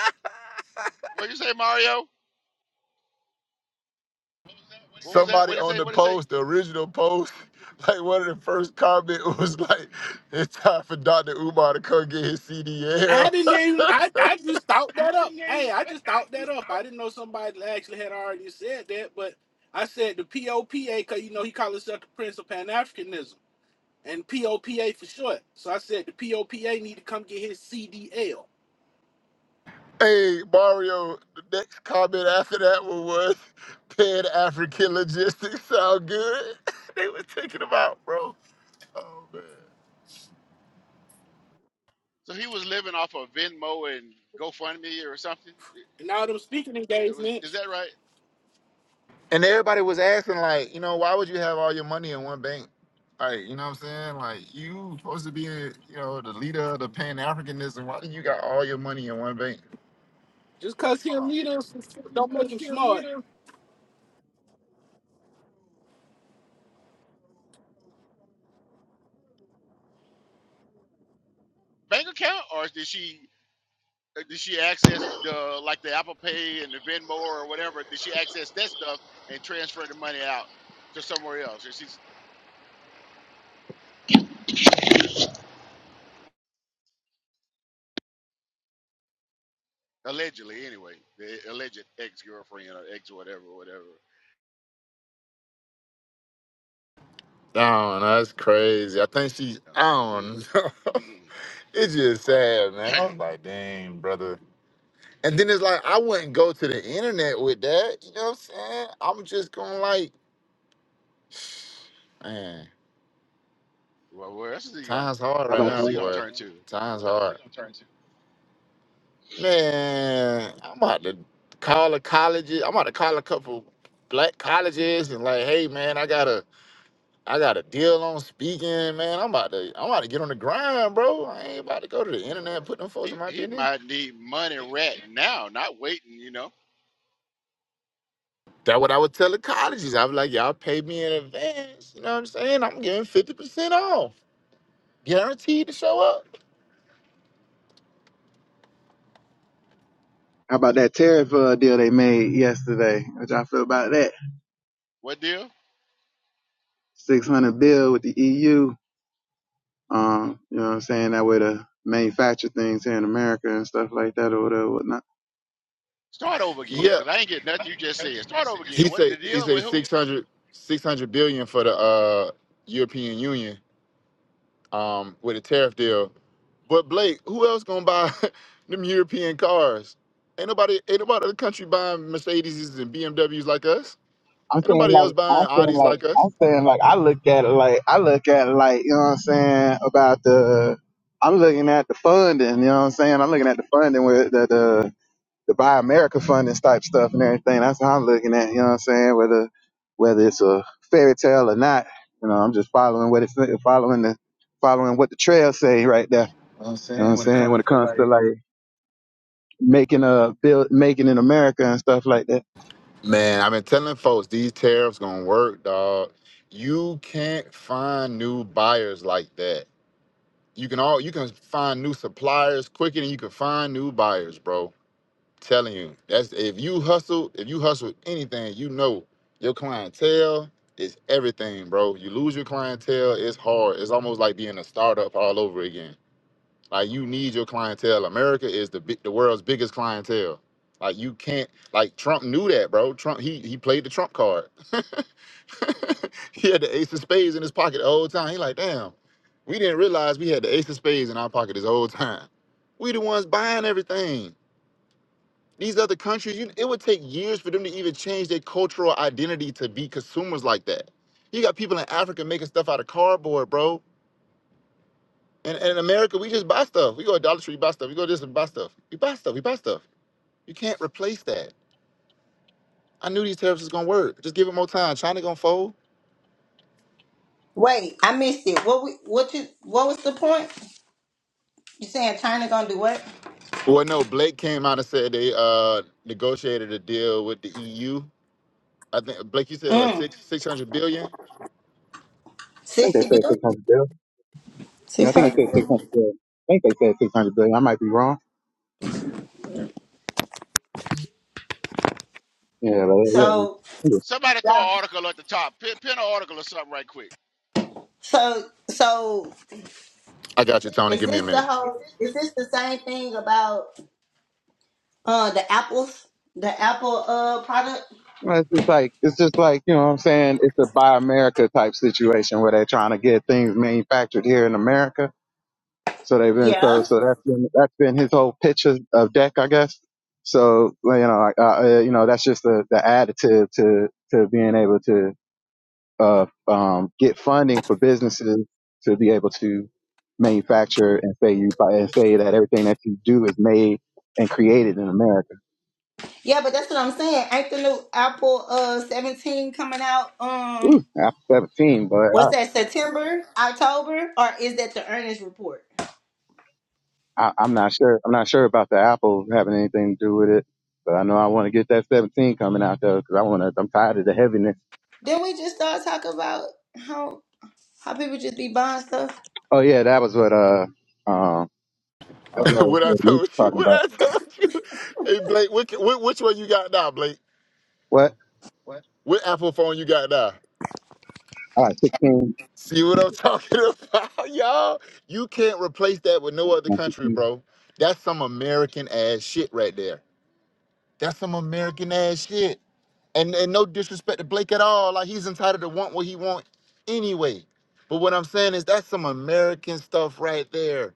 Speaker 1: What did you say, Mario? What was that? What
Speaker 4: Somebody
Speaker 1: did he
Speaker 4: on
Speaker 1: say?
Speaker 4: the
Speaker 1: What did he say?
Speaker 4: post, the original post, like one of the first comment was like, it's time for Dr. Umar to come get his
Speaker 5: I
Speaker 4: CDL.
Speaker 5: didn't even, I, I just thought that up. Hey, I just thought that up. I didn't know somebody actually had already said that, but I said the POPA because, you know, he called himself the Prince of Pan Africanism and POPA for short. So I said the POPA need to come get his CDL.
Speaker 4: hey, Mario, the next comment after that one was, Pan African logistics sound good. they were taking him out, bro. Oh man.
Speaker 1: So he was living off of Venmo and GoFundMe or something.
Speaker 5: And all them speaking
Speaker 1: It, it was is
Speaker 5: engagements,
Speaker 1: that right?
Speaker 4: And everybody was asking, like, you know, why would you have all your money in one bank? Like, you know what I'm saying? Like, you supposed to be, you know, the leader of the Pan Africanism. Why do you got all your money in one bank?
Speaker 5: just because he a leader don't make him smart.
Speaker 1: Bank account, or did she uh, did she access the like the Apple Pay and the Venmo or whatever? Did she access that stuff and transfer the money out to somewhere else? And she Allegedly, anyway, the alleged ex-girlfriend or ex whatever, whatever.
Speaker 4: Oh, that's crazy. I think she's
Speaker 1: Yeah. Mm,
Speaker 4: on.
Speaker 1: mm,
Speaker 4: it's
Speaker 1: be
Speaker 4: just
Speaker 1: quiet.
Speaker 4: sad, man. I was like, dang, brother. And then it's like, I wouldn't go to the internet with that. You know what I'm saying? I'm just going to, like, man,
Speaker 1: well, where else is he going?
Speaker 4: time's hard
Speaker 2: How
Speaker 4: right
Speaker 1: Where
Speaker 2: about
Speaker 1: else
Speaker 4: now,
Speaker 1: is he
Speaker 2: that?
Speaker 1: going to
Speaker 4: boy.
Speaker 1: turn to?
Speaker 4: Time's hard. Man, I'm about to call the colleges. I'm about to call a couple black colleges and like, hey man, I got a I got a deal on speaking, man. I'm about to I'm about to get on the grind, bro. I ain't about to go to the
Speaker 1: Yeah,
Speaker 4: internet and
Speaker 1: but
Speaker 4: put them folks
Speaker 1: he
Speaker 4: in my
Speaker 1: he
Speaker 4: business.
Speaker 1: might need money right now, not waiting. You know
Speaker 4: That's what I would tell the colleges. I was like, y'all pay me in advance. You know what I'm saying? I'm giving 50% off. Guaranteed to show up.
Speaker 2: How about that tariff uh, deal they made yesterday? What y'all feel about that?
Speaker 1: what deal?
Speaker 2: Six hundred bill with the EU. Um, you know what I'm saying? That way to manufacture things here in America and stuff like that or whatever, whatnot.
Speaker 1: Start over again,
Speaker 4: Yeah.
Speaker 1: cause I ain't get nothing you just said. Start over
Speaker 4: He
Speaker 1: again. What
Speaker 4: say
Speaker 1: the
Speaker 4: he
Speaker 1: deal
Speaker 4: say
Speaker 1: with who?
Speaker 4: six hundred six hundred billion for the uh European Union. um, with a tariff deal. But Blake, who else gonna buy them European cars? Ain't nobody, ain't nobody in the country buying Mercedes and BMWs like us.
Speaker 2: I'm
Speaker 4: Ain't
Speaker 2: saying
Speaker 4: nobody else
Speaker 2: like I'm
Speaker 4: buying
Speaker 2: saying
Speaker 4: Audis
Speaker 2: like
Speaker 4: like us.
Speaker 2: I'm saying like I look at it like I look at it like you know what I'm saying about the I'm looking at the funding you know what I'm saying I'm looking at the funding with the the, the Buy America funding type stuff and everything that's how I'm looking at it, you know what I'm saying whether whether it's a fairy tale or not you know I'm just following what it's following the following what the trail say right there
Speaker 4: I'm
Speaker 2: you know what
Speaker 4: saying
Speaker 2: I'm
Speaker 4: when it
Speaker 2: saying when
Speaker 4: comes.
Speaker 2: it comes to like making a build making in America and stuff like that
Speaker 4: Man, I've been telling folks these tariffs gonna work, dog. You can't find new buyers like that. You can all you can find new suppliers quicker than you can find new buyers, bro Telling you, that's if you hustle, if you hustle anything, you know your clientele is everything, bro. You lose your clientele, it's hard. It's almost like being a startup all over again. Like you need your clientele. America is the big, the world's biggest clientele. Like you can't like Trump knew that, bro. Trump he he played the Trump card. he had the ace of spades in his pocket the whole time. He like, damn, we didn't realize we had the ace of spades in our pocket this whole time. We the ones buying everything. These other countries, you, it would take years for them to even change their cultural identity to be consumers like that. You got people in Africa making stuff out of cardboard, bro. And, and in America, we just buy stuff. We go to Dollar Tree, buy stuff. We go to this and buy stuff. We buy stuff. We buy stuff. You can't replace that. I knew these tariffs was gonna work. Just give it more time. China gonna fold.
Speaker 3: Wait, I missed it. What we what you what was the point? You saying China gonna do what?
Speaker 4: Well, no. Blake came out and said they uh, negotiated a deal with the EU. I think Blake, you said uh,
Speaker 3: Mm.
Speaker 4: six six hundred billion.
Speaker 2: I think
Speaker 3: Sixty
Speaker 2: they said
Speaker 3: billion?
Speaker 2: 600 billion Yeah, I
Speaker 3: Six
Speaker 2: think they
Speaker 3: hundred
Speaker 2: said 600
Speaker 3: billion.
Speaker 2: billion. I think they said 600 billion. I might be wrong. Yeah, but
Speaker 3: So
Speaker 2: yeah.
Speaker 1: Somebody throw an
Speaker 3: yeah,
Speaker 1: article at the top. Pin, pin an article or something right quick.
Speaker 3: so so
Speaker 4: I got you, Tony.
Speaker 3: is
Speaker 4: Give me a
Speaker 3: this the
Speaker 4: minute.
Speaker 3: whole is this the same thing about uh the apples? The Apple uh product?
Speaker 2: Well, It's just like, it's just like, you know what I'm saying? It's a buy America type situation where they're trying to get things manufactured here in America. So they've been, so,
Speaker 3: Yeah.
Speaker 2: so that's been, that's been his whole pitch of, of deck, I guess. So, well, you know, like, uh, uh, you know, that's just the, the additive to, to being able to uh, um, get funding for businesses to be able to manufacture and say you buy and say that everything that you do is made and created in America.
Speaker 3: Yeah, but that's what I'm saying. Ain't the new Apple uh seventeen coming out
Speaker 2: Ooh,
Speaker 3: um
Speaker 2: Apple 17, but
Speaker 3: what's that, September, October? Or is that the earnings report?
Speaker 2: I, I, I'm not sure. I'm not sure about the Apple having anything to do with it. But I know I want to get that 17 coming out though, because I want to. I'm tired of the heaviness.
Speaker 3: Then we just start talking about how How people just be buying stuff?
Speaker 2: Oh yeah, that was what uh um that's what,
Speaker 4: what I
Speaker 2: what Meek
Speaker 4: told
Speaker 2: was
Speaker 4: you.
Speaker 2: talking
Speaker 4: What
Speaker 2: about.
Speaker 4: I told you. Hey, Blake, which, which, one you got now, Blake?
Speaker 2: What?
Speaker 4: What Apple phone you got now?
Speaker 2: I like 16.
Speaker 4: See what I'm talking about, y'all? You can't replace that with no other country, bro. That's some American ass shit right there. That's some American ass shit. And, and no disrespect to Blake at all. Like he's entitled to want what he want anyway. But what I'm saying is that's some American stuff right there.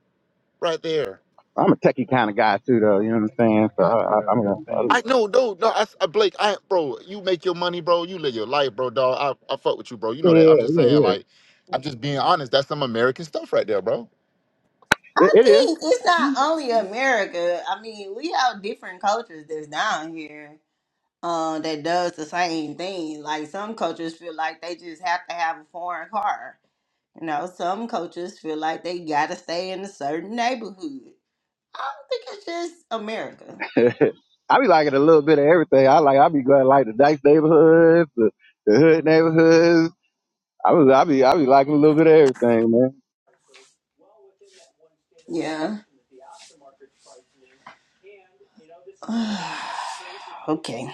Speaker 4: Right there.
Speaker 2: I'm a techie kind of guy too, though. You know what I'm saying? So I, I, I'm gonna,
Speaker 4: I know, no, no, I, s- I- Blake, I, bro, you make your money, bro. You live your life, bro, dog. I, I fuck with you, bro. You
Speaker 2: Yeah,
Speaker 4: know that. I'm
Speaker 2: yeah,
Speaker 4: just
Speaker 2: yeah,
Speaker 4: saying, like,
Speaker 2: yeah.
Speaker 4: I'm just being honest. That's some American stuff right there, bro.
Speaker 2: It,
Speaker 3: I
Speaker 2: it
Speaker 3: think it's not
Speaker 2: is.
Speaker 3: only America. I mean, we have different cultures that's down here uh, that does the same thing. Like some cultures feel like they just have to have a foreign car. You know, some cultures feel like they gotta stay in a certain neighborhood. I don't think it's just America.
Speaker 2: I be liking a little bit of everything. I like. I be going like the nice neighborhoods, the, the hood neighborhoods. I was. I be. I be liking a little bit of everything, man.
Speaker 3: Yeah. okay.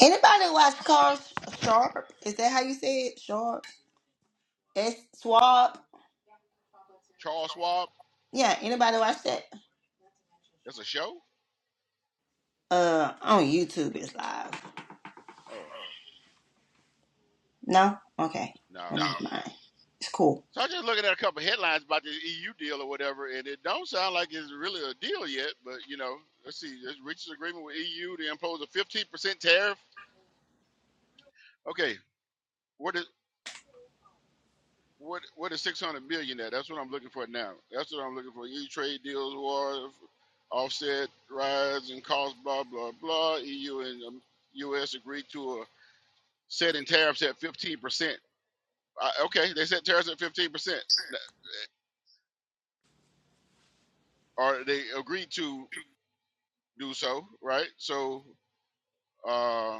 Speaker 3: Anybody watch Cars Sharp? Is that how you say it? Sharp? S Swab?
Speaker 1: Charles Schwab.
Speaker 3: Yeah. Anybody watch that?
Speaker 1: That's a show.
Speaker 3: Uh, on YouTube it's live.
Speaker 1: Oh
Speaker 3: No? Okay.
Speaker 1: no.
Speaker 3: Well, No. never mind. It's cool.
Speaker 1: So I'm just looking at a couple headlines about the EU deal or whatever, and it don't sound like it's really a deal yet. But you know, let's see. It reaches agreement with EU to impose a 15% tariff. Okay, what is what what is 600 million at? That's what I'm looking for now. That's what I'm looking for. EU trade deals, war, offset rise in cost, blah blah blah. EU and um, US agreed to a setting tariffs at 15%. Uh, okay, they set tariffs at 15%, or they agreed to do so, right? So Uh,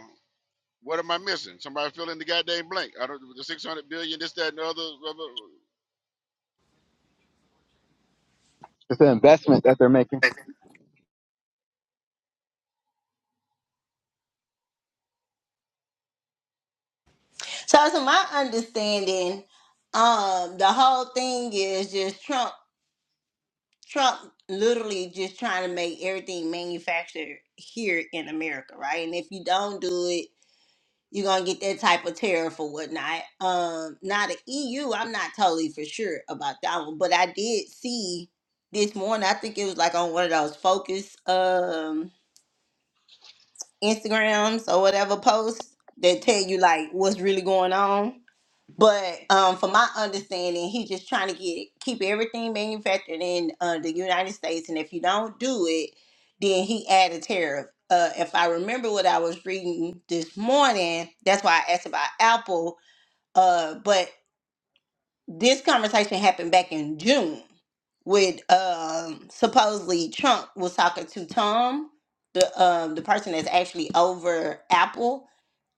Speaker 1: what am I missing? Somebody fill in the goddamn blank. I don't the 600 billion, this, that, and the other. blah, blah, blah.
Speaker 2: It's an investment that they're making.
Speaker 3: So, to my understanding, um, the whole thing is just Trump. Trump literally just trying to make everything manufactured here in America, right? And if you don't do it, you're gonna get that type of tariff or whatnot. Um, now the EU, I'm not totally for sure about that one, but I did see this morning. I think it was like on one of those focus. Um. Instagrams or whatever posts that tell you like what's really going on. But um, from my understanding, he's just trying to get keep everything manufactured in uh, the United States, and if you don't do it, then he add a tariff. Uh, if I remember what I was reading this morning, that's why I asked about Apple. Uh, but this conversation happened back in June with um supposedly Trump was talking to Tom, the um the person that's actually over Apple.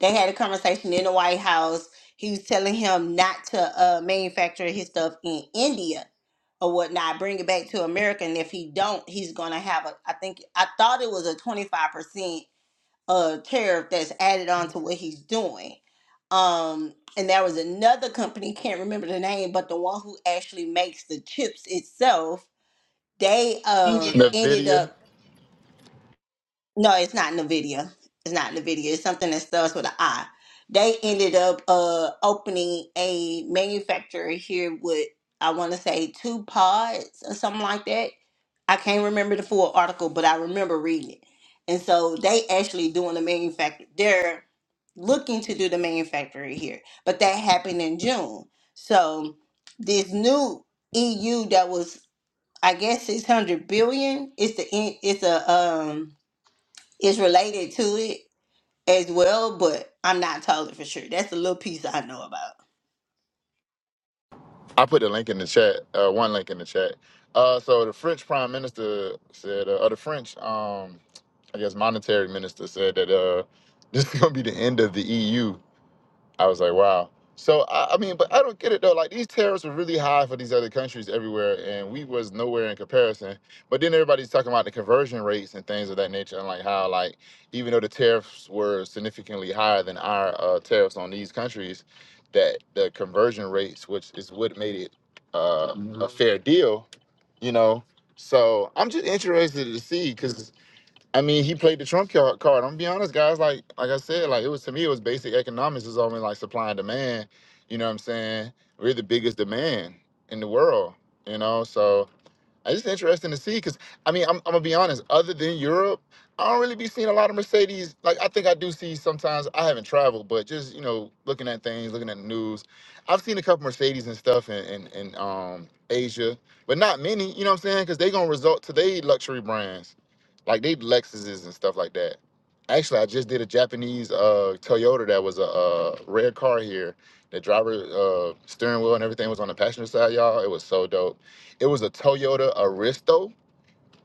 Speaker 3: They had a conversation in the White House. He was telling him not to uh, manufacture his stuff in India or whatnot, bring it back to America, and if he don't, he's gonna have a. I think I thought it was a twenty five percent a tariff that's added on to what he's doing. Um, and there was another company, can't remember the name, but the one who actually makes the chips itself, they um ended
Speaker 4: Nvidia.
Speaker 3: up no, it's not Nvidia. It's not Nvidia. It's something that starts with an I. They ended up uh opening a manufacturer here with I want to say two pods or something like that. I can't remember the full article, but I remember reading it. And so they actually doing the manufacture. They're looking to do the manufacturer here, but that happened in June. So this new EU that was I guess 600 billion. It's the in- it's a um is related to it as well, but I'm not totally for sure. That's a little piece I know about.
Speaker 4: I put the link in the chat. Uh, one link in the chat. Uh, so the French Prime Minister said, uh, or the French, um, I guess, monetary minister said that uh, this is gonna be the end of the EU I was like, wow. So I, I mean, but I don't get it though. Like these tariffs were really high for these other countries everywhere, and we was nowhere in comparison. But then everybody's talking about the conversion rates and things of that nature, and like how like even though the tariffs were significantly higher than our uh, tariffs on these countries, that the conversion rates, which is what made it uh, a fair deal, you know. So I'm just interested to see because I mean, he played the trump ca- card. I'm gonna be honest, guys. Like, like I said, like it was to me, it was basic economics. It's only like supply and demand. You know what I'm saying? We're the biggest demand in the world. You know, so it's just interesting to see because I mean I'm, I'm gonna be honest. Other than Europe, I don't really be seeing a lot of Mercedes. Like I think I do see sometimes. I haven't traveled, but just you know looking at things, looking at the news, I've seen a couple Mercedes and stuff in in, in um, Asia, but not many. You know what I'm saying? Because they gonna result to they luxury brands, like they Lexuses and stuff like that. Actually, I just did a Japanese uh, Toyota that was a, uh red car here. The driver uh, steering wheel and everything was on the passenger side, y'all. It was so dope. It was a Toyota Aristo,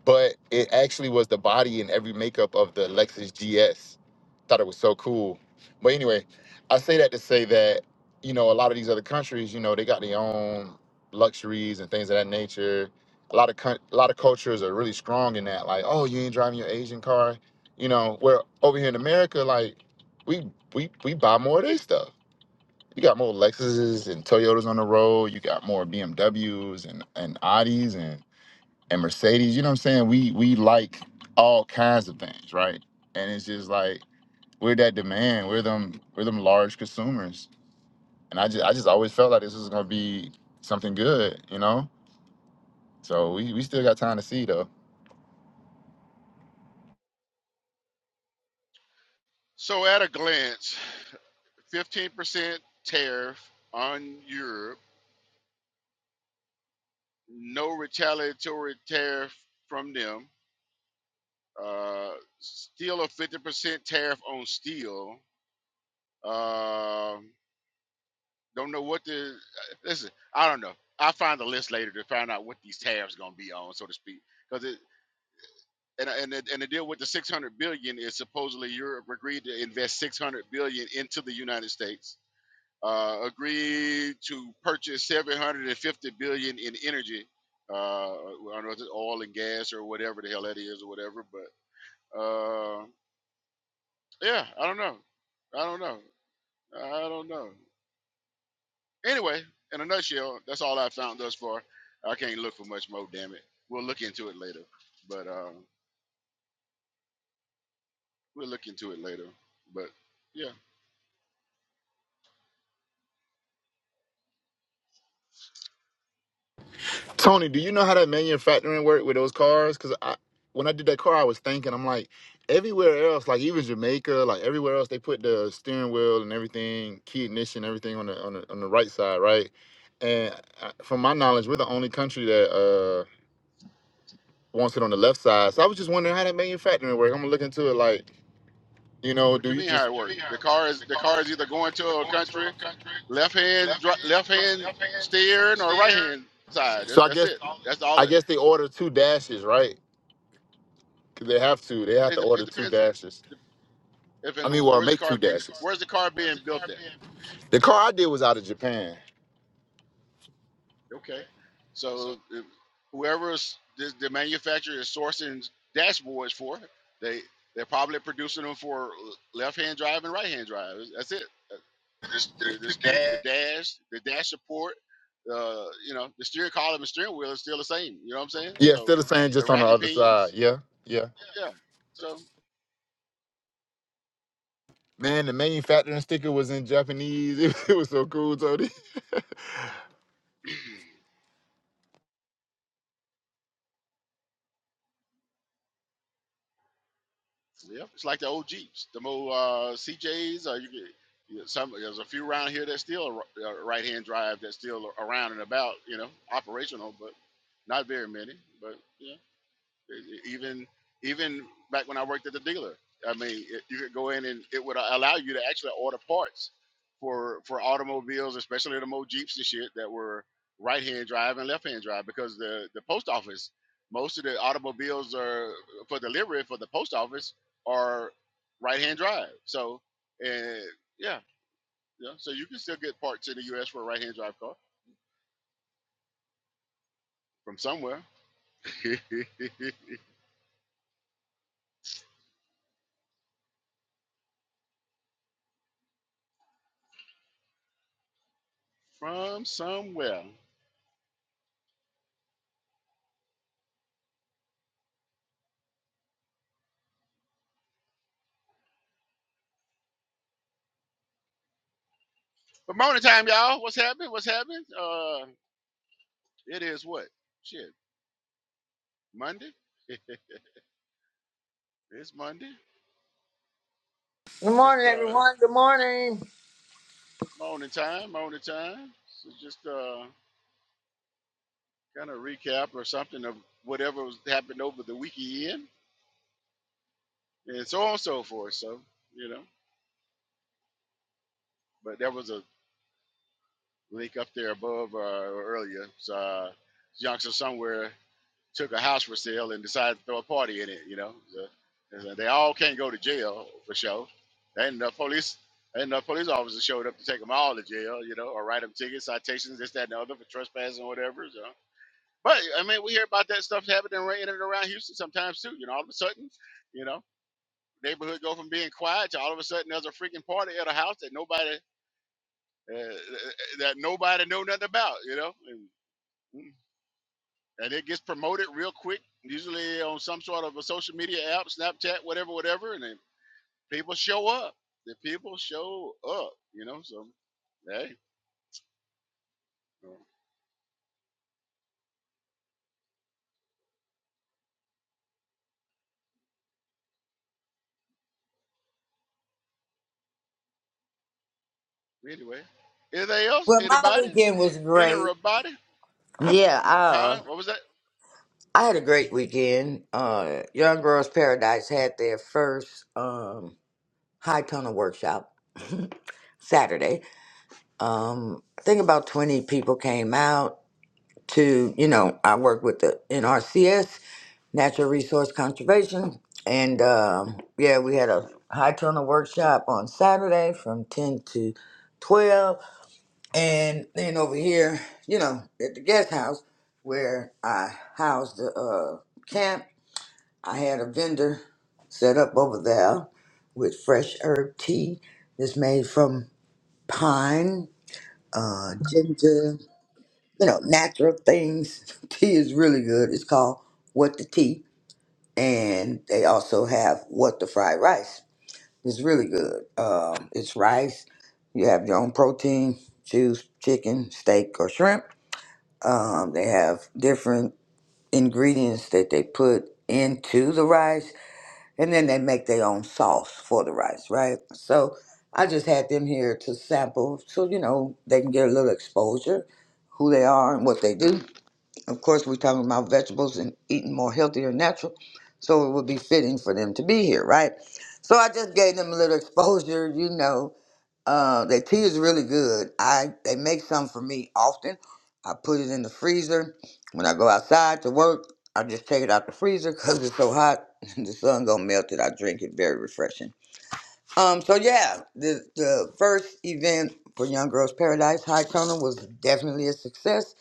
Speaker 4: but it actually was the body and every makeup of the Lexus GS. Thought it was so cool. But anyway, I say that to say that, you know, a lot of these other countries, you know, they got their own luxuries and things of that nature. A lot of coun- a lot of cultures are really strong in that. Like, oh, you ain't driving your Asian car, you know. Where over here in America, like, we we we buy more of this stuff you got more Lexuses and Toyotas on the road. You got more BMWs and and Audis and and Mercedes, you know what I'm saying? We we like all kinds of things, right? And it's just like we're that demand, we're them we're them large consumers. And I just I just always felt like this was gonna be something good, you know? So we, we still got time to see though.
Speaker 1: So at a glance, 15% tariff on Europe, no retaliatory tariff from them, uh, still a 50% tariff on steel. Um don't know what the listen. I don't know. I'll find the list later to find out what these tariffs gonna be on, so to speak, because it. and and the, and the deal with the 600 billion is supposedly Europe agreed to invest 600 billion into the United States, uh, agreed to purchase 750 billion in energy. Uh, I don't know if it's oil and gas or whatever the hell that is or whatever, but uh, yeah, I don't know, I don't know, I don't know. Anyway, in a nutshell, that's all I found thus far. I can't look for much more. Damn it, we'll look into it later, but uh, we'll look into it later, but yeah.
Speaker 4: Tony, do you know how that manufacturing work with those cars? Because I, when I did that car, I was thinking, I'm like, everywhere else, like even Jamaica, like everywhere else, they put the steering wheel and everything, key ignition, everything on the on the, on the right side, right? And I, from my knowledge, we're the only country that uh wants it on the left side. So I was just wondering how that manufacturing work. I'm gonna look into it, like, you know,
Speaker 1: What
Speaker 4: do
Speaker 1: you
Speaker 4: you
Speaker 1: mean how
Speaker 4: just?
Speaker 1: it
Speaker 4: What you
Speaker 1: works?
Speaker 4: mean how
Speaker 1: The
Speaker 4: it work?
Speaker 1: car is
Speaker 4: The
Speaker 1: the
Speaker 4: car
Speaker 1: car
Speaker 4: is
Speaker 1: is
Speaker 4: the
Speaker 1: either
Speaker 4: car
Speaker 1: going
Speaker 4: is
Speaker 1: to
Speaker 4: either
Speaker 1: a
Speaker 4: going to
Speaker 1: country
Speaker 4: a country.
Speaker 1: left hand dri- left hand steering or right hand
Speaker 4: That's
Speaker 1: side.
Speaker 4: it. So
Speaker 1: That's,
Speaker 4: I
Speaker 1: that's
Speaker 4: guess That's
Speaker 1: it.
Speaker 4: all it-
Speaker 1: That's all
Speaker 4: I
Speaker 1: it.
Speaker 4: guess they order two dashes, right? 'Cause they have to. They have
Speaker 1: It,
Speaker 4: to
Speaker 1: de- it
Speaker 4: order two
Speaker 1: depends
Speaker 4: dashes.
Speaker 1: if
Speaker 4: I mean,
Speaker 1: and
Speaker 4: well,
Speaker 1: where's the
Speaker 4: make
Speaker 1: car
Speaker 4: two
Speaker 1: being
Speaker 4: dashes.
Speaker 1: where's the car being built at.
Speaker 4: The car I did was out of Japan.
Speaker 1: Okay, so if whoever's the, the manufacturer is sourcing dashboards for they they're probably producing them for left hand drive and right hand drive. That's it. the the, the, the dash, the dash support, uh, you know, the steering column and steering wheel is still the same. You know what I'm saying?
Speaker 4: Yeah,
Speaker 1: So
Speaker 4: still the same,
Speaker 1: the
Speaker 4: just on the
Speaker 1: rack and
Speaker 4: other side.
Speaker 1: pinions,
Speaker 4: Yeah, yeah.
Speaker 1: yeah. So
Speaker 4: Man, the manufacturing sticker was in Japanese. It, was so cool, Tony.
Speaker 1: yeah, it's like the old Jeeps, the more uh, CJs, or you get you know, some. There's a few around here that's still a, right hand drive that's still around and about, you know, operational, but not very many. But yeah. Even even back when I worked at the dealer, I mean, it, you could go in and it would allow you to actually order parts for for automobiles, especially the old Jeeps and shit that were right hand drive and left hand drive because the the post office, most of the automobiles are for delivery for the post office are right hand drive. So, uh, yeah, yeah. So you can still get parts in the U.S. for a right hand drive car from somewhere. from somewhere. But morning time, y'all. What's happening? What's happening? Uh, it is what? Shit, Monday. It's Monday.
Speaker 6: Good
Speaker 1: Just
Speaker 6: morning,
Speaker 1: uh,
Speaker 6: everyone. Good morning.
Speaker 1: morning time. Morning time. So just uh, kind of recap or something of whatever was happened over the weekend, and so on and so forth. So you know, but there was a link up there above uh, earlier. So uh, youngster somewhere took a house for sale and decided to throw a party in it. You know, So, so they all can't go to jail for sure. Ain't enough police. Ain't enough police officers showed up to take them all to jail. You know, or write them tickets, citations, this, that, and the other for trespassing, or whatever. So. But I mean, we hear about that stuff happening right in and around Houston sometimes too. You know, all of a sudden, you know, neighborhood go from being quiet to all of a sudden there's a freaking party at a house that nobody uh, that nobody know nothing about. You know, and and it gets promoted real quick, usually on some sort of a social media app, Snapchat, whatever, whatever, and then people show up. The people show up, you know. So hey, well, anyway, anything else?
Speaker 6: Well, my
Speaker 1: Anybody?
Speaker 6: weekend was great.
Speaker 1: Anybody?
Speaker 6: Yeah, uh,
Speaker 1: Huh? What was that?
Speaker 6: I had a great weekend. Uh, Young Girls Paradise had their first um, high tunnel workshop Saturday. Um, I think about 20 people came out to, you know, I work with the NRCS, Natural Resource Conservation. And um, yeah, we had a high tunnel workshop on Saturday from 10 to 12 And then over here, you know, at the guest house where I housed the uh, camp, I had a vendor set up over there with fresh herb tea that's made from pine, uh, ginger, you know, natural things. Tea is really good. It's called What the Tea. And they also have What the Fried Rice. It's really good. Um, it's rice. You have your own protein, choose chicken, steak, or shrimp Um, they have different ingredients that they put into the rice, and then they make their own sauce for the rice, right? So I just had them here to sample so, you know, they can get a little exposure, who they are and what they do. Of course, we're talking about vegetables and eating more healthy or natural, so it would be fitting for them to be here, right? So I just gave them a little exposure, you know, uh, their tea is really good. I they make some for me often. I put it in the freezer. When I go outside to work, I just take it out the freezer because it's so hot. the sun gonna melt it. I drink it. Very refreshing. Um. So yeah, the the first event for Young Girls Paradise High Tunnel was definitely a success.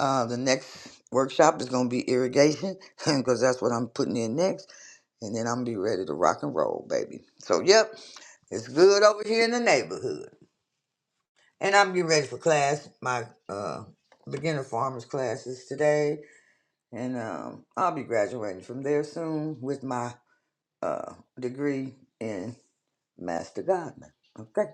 Speaker 6: Uh, the next workshop is gonna be irrigation because that's what I'm putting in next, and then I'm gonna be ready to rock and roll, baby. So yep, it's good over here in the neighborhood. And I'm getting ready for class, my uh, beginner farmers classes today, and um, I'll be graduating from there soon with my uh, degree in master gardener. Okay.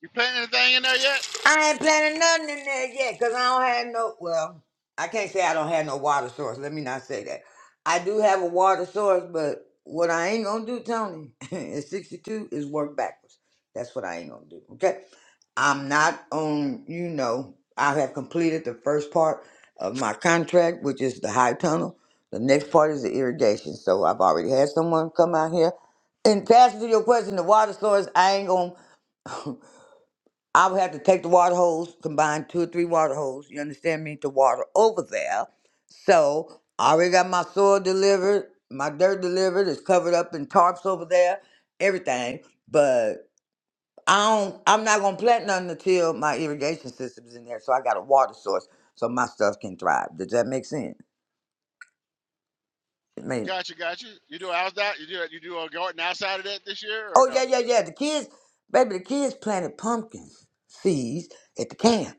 Speaker 1: You planting anything in there yet?
Speaker 6: I ain't planning nothing in there yet because I don't have no. Well, I can't say I don't have no water source. Let me not say that. I do have a water source, but what I ain't gonna do, Tony, at 62 is work backwards. That's what I ain't gonna do. Okay. I'm not on, you know, I have completed the first part of my contract, which is the high tunnel. The next part is the irrigation. So I've already had someone come out here. And to answer to your question, the water source, I ain't gonna. I would have to take the water hose, combine two or three water hoses, you understand me, to water over there. So I already got my soil delivered, my dirt delivered, it's covered up in tarps over there, everything. But I don't I'm not gonna plant nothing until my irrigation system's in there, so I got a water source so my stuff can thrive. Does that make sense? I mean
Speaker 1: Gotcha, gotcha. You do outside? You do you do a garden outside of that this year or
Speaker 6: oh
Speaker 1: no?
Speaker 6: yeah, yeah, yeah. The kids baby, the kids planted pumpkins seeds at the camp.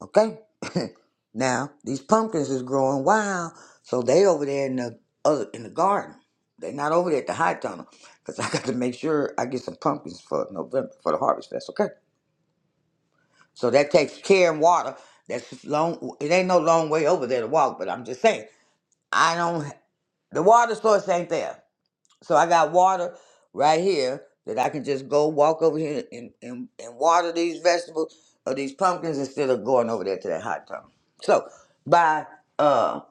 Speaker 6: Okay. now these pumpkins is growing wild, so they over there in the other in the garden. They not over there at the high tunnel, cause I got to make sure I get some pumpkins for November for the harvest fest. Okay. So that
Speaker 1: Gotcha.
Speaker 6: takes care and water. That's long. It ain't no long way over there to walk, but I'm just saying I don't. The water source ain't there. So I got water right here that I can just go walk over here and, and, and water these vegetables or these pumpkins instead of going over there to that hot tub. So by uh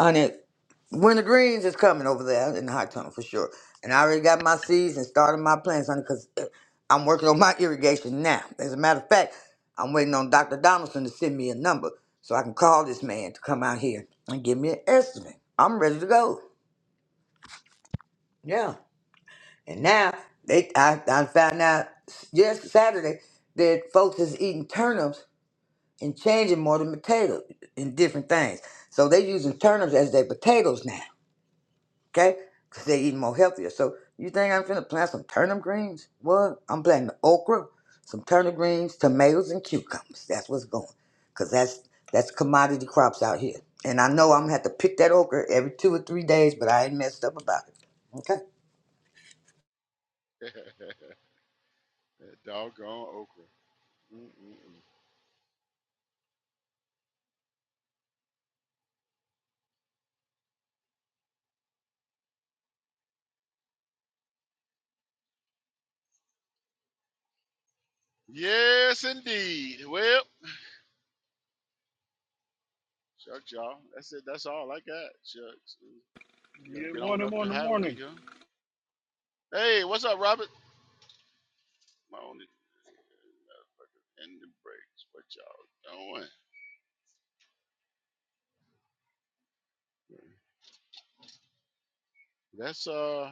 Speaker 6: honey, winter greens is coming over there in the hot tub for sure. And I already got my seeds and started my plants, honey, because I'm working on my irrigation now. As a matter of fact, I'm waiting on Dr. Donaldson to send me a number so I can call this man to come out here and give me an estimate. I'm ready to go. Yeah. And now they I, I found out just Saturday that folks is eating turnips and changing more than potatoes and different things. So they using turnips as their potatoes now, okay? Because they eating more healthier. So you think I'm finna plant some turnip greens? What? I'm planting okra, some turnip greens, tomatoes, and cucumbers. That's what's going. Because that's, that's commodity crops out here. And I know I'm gonna have to pick that okra every two or three days, but I ain't messed up about it. Okay.
Speaker 1: That doggone okra. Mm-mm-mm. Yes, indeed. Well, shucks, y'all. That's it. That's all I got. Shucks. We're gonna
Speaker 7: Good
Speaker 1: get on
Speaker 7: morning,
Speaker 1: up the
Speaker 7: morning,
Speaker 1: highway
Speaker 7: morning.
Speaker 1: here. Hey, what's up, Robert? My only and the brakes. What y'all doing? That's uh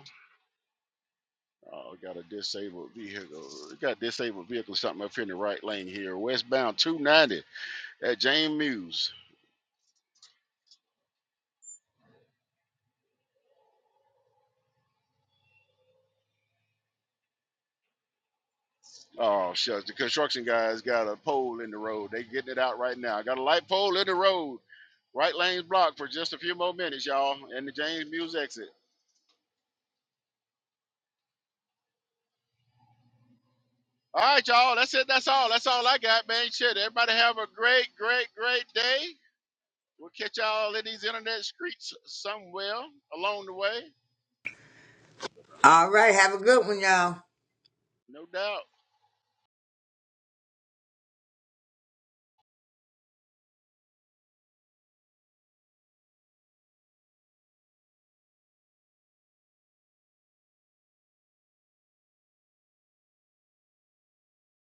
Speaker 1: oh got a disabled vehicle. We got disabled vehicle something up here in the right lane here. Westbound 290 at James Mews. Oh shucks, the construction guys got a pole in the road. They getting it out right now. Got a light pole in the road. Right lane's blocked for just a few more minutes, y'all. And the James Mews exit. All right, y'all. That's it. That's all. That's all I got, man. Shit. Everybody have a great, great, great day. We'll catch y'all in these internet streets somewhere along the way.
Speaker 6: All right, have a good one, y'all.
Speaker 1: No doubt.